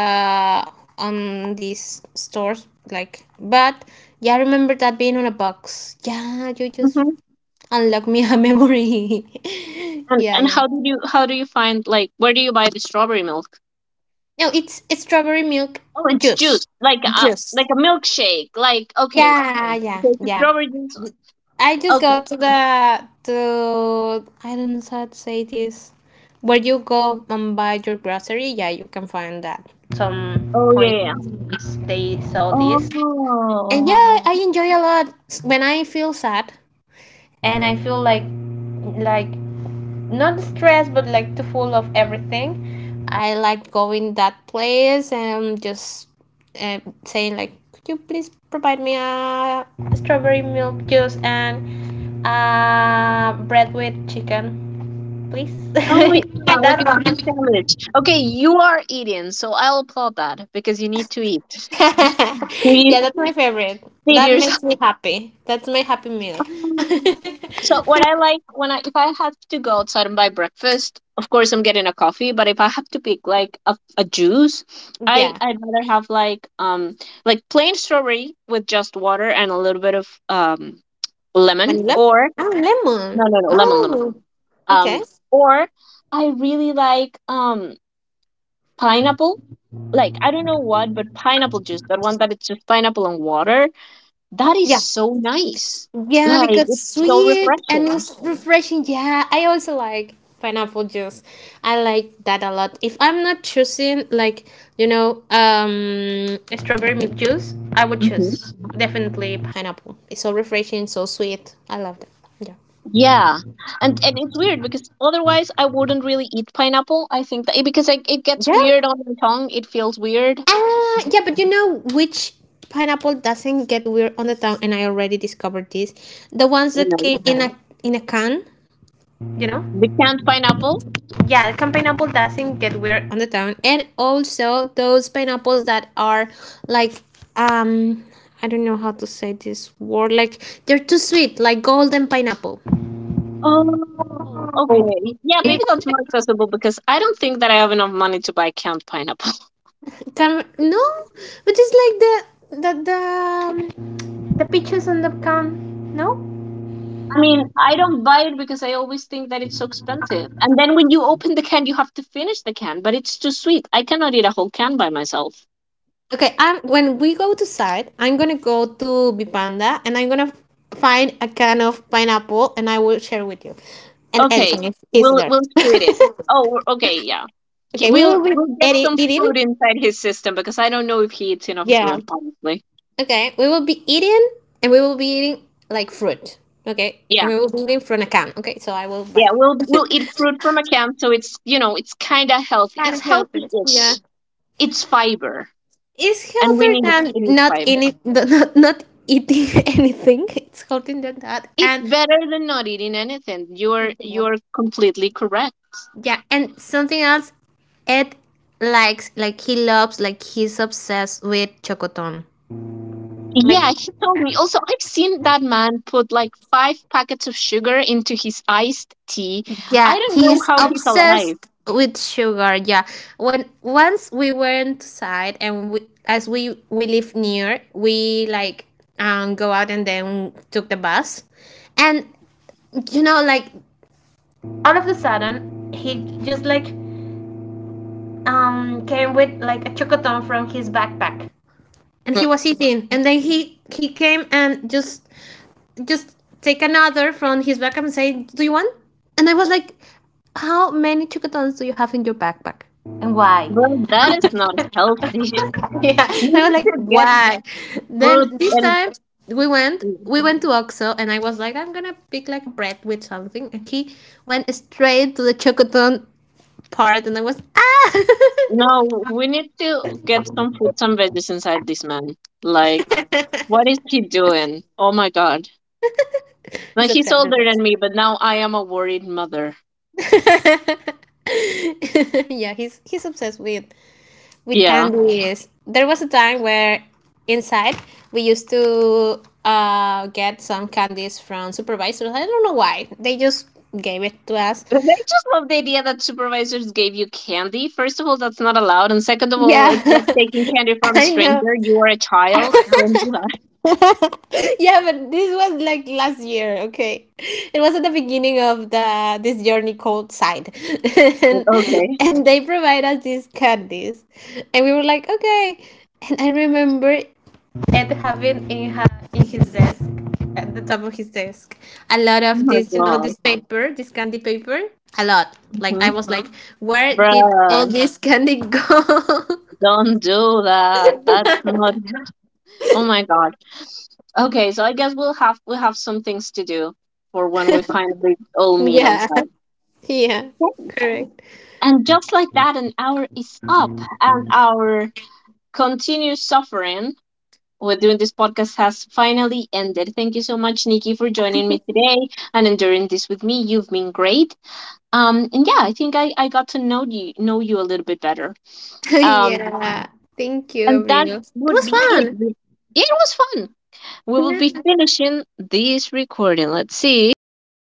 Speaker 2: on these stores like but yeah, I remember that being on a box. Yeah, you just
Speaker 1: Hmm.
Speaker 2: unlock me a memory. [laughs]
Speaker 1: And
Speaker 2: Yeah, yeah.
Speaker 1: how did you how do you find, like, where do you buy the strawberry milk?
Speaker 2: No, it's strawberry milk
Speaker 1: Oh, it's
Speaker 2: juice.
Speaker 1: juice, like a like
Speaker 2: Juice.
Speaker 1: a milkshake. Like, okay,
Speaker 2: Yeah, yeah,
Speaker 1: okay, it's a
Speaker 2: yeah.
Speaker 1: strawberry juice.
Speaker 2: I just go
Speaker 1: Okay.
Speaker 2: to the to I don't know how to say this. Where you go and buy your grocery, yeah, you can find that. Some
Speaker 1: Oh, yeah,
Speaker 2: point
Speaker 1: yeah, yeah.
Speaker 2: they sell this. And
Speaker 1: Oh.
Speaker 2: yeah, I enjoy a lot when I feel sad. And I feel like not stressed but like too full of everything. I like going that place and just uh, saying like, could you please provide me a strawberry milk juice and bread with chicken, please. [laughs]
Speaker 1: Oh yeah, like
Speaker 2: That
Speaker 1: a chicken sandwich. Okay, you are eating, so I'll applaud that because you need to
Speaker 2: [laughs]
Speaker 1: eat. Please
Speaker 2: yeah, that's my favorite.
Speaker 1: feed
Speaker 2: That
Speaker 1: yourself.
Speaker 2: makes me
Speaker 1: [laughs]
Speaker 2: happy. That's my happy meal. [laughs]
Speaker 1: Um, So what I like when I if I have to go outside and buy breakfast, of course I'm getting a coffee, but if I have to pick like a juice,
Speaker 2: Yeah,
Speaker 1: I'd rather have like plain strawberry with just water and a little bit of lemon.
Speaker 2: vanilla.
Speaker 1: Or
Speaker 2: Oh, lemon.
Speaker 1: no, no, no,
Speaker 2: Oh,
Speaker 1: lemon.
Speaker 2: okay.
Speaker 1: Um, or I really like pineapple, like I don't know what, but pineapple juice, that one that it's just pineapple and water, that is
Speaker 2: Yeah.
Speaker 1: so nice.
Speaker 2: Yeah,
Speaker 1: Like,
Speaker 2: because
Speaker 1: it's so
Speaker 2: sweet and
Speaker 1: refreshing.
Speaker 2: it's refreshing. Yeah, I also like pineapple juice. I like that a lot. If I'm not choosing like, strawberry milk juice, I would
Speaker 1: Hmm,
Speaker 2: choose definitely pineapple. It's so refreshing, so sweet. I love that. Yeah.
Speaker 1: yeah. And it's weird because otherwise I wouldn't really eat pineapple. I think that because like it gets
Speaker 2: Yeah.
Speaker 1: weird on the tongue, it feels weird.
Speaker 2: Yeah, but you know which pineapple doesn't get weird on the tongue, and I already discovered this. The ones
Speaker 1: You
Speaker 2: that
Speaker 1: know,
Speaker 2: came in a can, you know?
Speaker 1: the canned pineapple.
Speaker 2: Yeah, the canned pineapple doesn't get weird on the tongue, and also those pineapples that are like um. I don't know how to say this word. Like they're too sweet, like golden pineapple.
Speaker 1: Oh okay, yeah, maybe that's more accessible, because I don't think that I have enough money to buy canned pineapple.
Speaker 2: Can, no, but it's like the the peaches on the can. No.
Speaker 1: I mean, I don't buy it because I always think that it's so expensive. And then when you open the can, you have to finish the can, but it's too sweet. I cannot eat a whole can by myself.
Speaker 2: Okay, when we go to side, I'm gonna go to Bipanda and I'm gonna find a can of pineapple, and I will share with you. And
Speaker 1: Okay,
Speaker 2: Edison is
Speaker 1: we'll
Speaker 2: there.
Speaker 1: we'll split it. Oh, okay, yeah.
Speaker 2: [laughs] Okay, we
Speaker 1: We'll
Speaker 2: will be
Speaker 1: we'll get some fruit
Speaker 2: eating.
Speaker 1: inside his system, because I don't know if he eats enough
Speaker 2: Yeah.
Speaker 1: fruit, probably.
Speaker 2: Okay, we will be eating, and we will be eating like fruit. Okay.
Speaker 1: Yeah,
Speaker 2: And we will be eating from a can. Okay. So I will
Speaker 1: yeah.
Speaker 2: buy
Speaker 1: We'll
Speaker 2: that.
Speaker 1: we'll eat fruit from a can, so it's, you know, it's kind of healthy. It's
Speaker 2: That's healthier. Yeah.
Speaker 1: healthy-ish. It's fiber,
Speaker 2: It's
Speaker 1: and we
Speaker 2: healthier
Speaker 1: need
Speaker 2: than
Speaker 1: we need fiber.
Speaker 2: not eating [laughs] anything. It's healthier than that.
Speaker 1: It's
Speaker 2: And
Speaker 1: better than not eating anything. You're completely correct.
Speaker 2: yeah, and something else Ed likes, he loves, like he's obsessed with chocotone. Like.
Speaker 1: Yeah, he told me. Also, I've seen that man put like five packets of sugar into his iced tea. I
Speaker 2: Yeah,
Speaker 1: don't know
Speaker 2: he's
Speaker 1: how he's alive.
Speaker 2: obsessed with sugar. Yeah, when once we went outside, and we live near, we like go out and then took the bus, and you know like all of a sudden he just like came with like a chocoton from his backpack, and
Speaker 1: Mm.
Speaker 2: he was eating, and then he came and just take another from his backpack and say, do you want? And I was like, how many chocotons do you have in your backpack?
Speaker 1: Bro, that is not healthy.
Speaker 2: Yeah.
Speaker 1: [laughs] We
Speaker 2: [laughs] I was
Speaker 1: need
Speaker 2: like,
Speaker 1: to get
Speaker 2: "What?" [laughs] Then
Speaker 1: fruit
Speaker 2: this
Speaker 1: and
Speaker 2: time we went. We went to Oxo, and I was like, I'm gonna pick like a bread with something. And he went straight to the chocoton part, and I was, ah!
Speaker 1: no, we need to get some fruit, some veggies inside this man. Like, what is he doing? Oh my God.
Speaker 2: [laughs] He's
Speaker 1: Like, he's
Speaker 2: obsessed with
Speaker 1: older
Speaker 2: us.
Speaker 1: than me, but now I am a worried mother.
Speaker 2: [laughs] Yeah, he's obsessed with
Speaker 1: Yeah.
Speaker 2: candies. There was a time where inside we used to get some candies from supervisors. I don't know why. They just gave it to us.
Speaker 1: I just love the idea that supervisors gave you candy. First of all, that's not allowed. And second of all,
Speaker 2: Yeah,
Speaker 1: it's like taking candy
Speaker 2: [laughs]
Speaker 1: from a
Speaker 2: I know.
Speaker 1: stranger. You are a child. Don't do
Speaker 2: [laughs]
Speaker 1: that. [laughs]
Speaker 2: Yeah, but this was like last year, okay? It was at the beginning of the this journey called Side. [laughs]
Speaker 1: Like,
Speaker 2: and,
Speaker 1: okay.
Speaker 2: and they provide us these candies. And we were like, okay. And I remember and having in her in his desk, at the top of his desk, a lot
Speaker 1: Oh
Speaker 2: of
Speaker 1: my
Speaker 2: this, you know,
Speaker 1: god.
Speaker 2: this paper, this candy paper, a lot. Like I
Speaker 1: Hmm.
Speaker 2: was like, where did all
Speaker 1: Bruh,
Speaker 2: this candy go?
Speaker 1: don't do that. That's not. [laughs] Oh my god. Okay, so I guess we have some things to do for when we finally
Speaker 2: [laughs]
Speaker 1: all meet on
Speaker 2: Yeah,
Speaker 1: site.
Speaker 2: yeah,
Speaker 1: Okay.
Speaker 2: correct.
Speaker 1: And just like that, an hour is up, and our continued suffering we're doing this podcast has finally ended. Thank you so much, Nikki, for joining me today and enduring this with me. You've been great. And yeah, I think I got to know you a little bit better.
Speaker 2: [laughs]
Speaker 1: Um,
Speaker 2: Yeah, thank you,
Speaker 1: and that
Speaker 2: Abril. It
Speaker 1: would
Speaker 2: was
Speaker 1: be
Speaker 2: fun.
Speaker 1: it. It was fun. We will be finishing this recording. Let's see.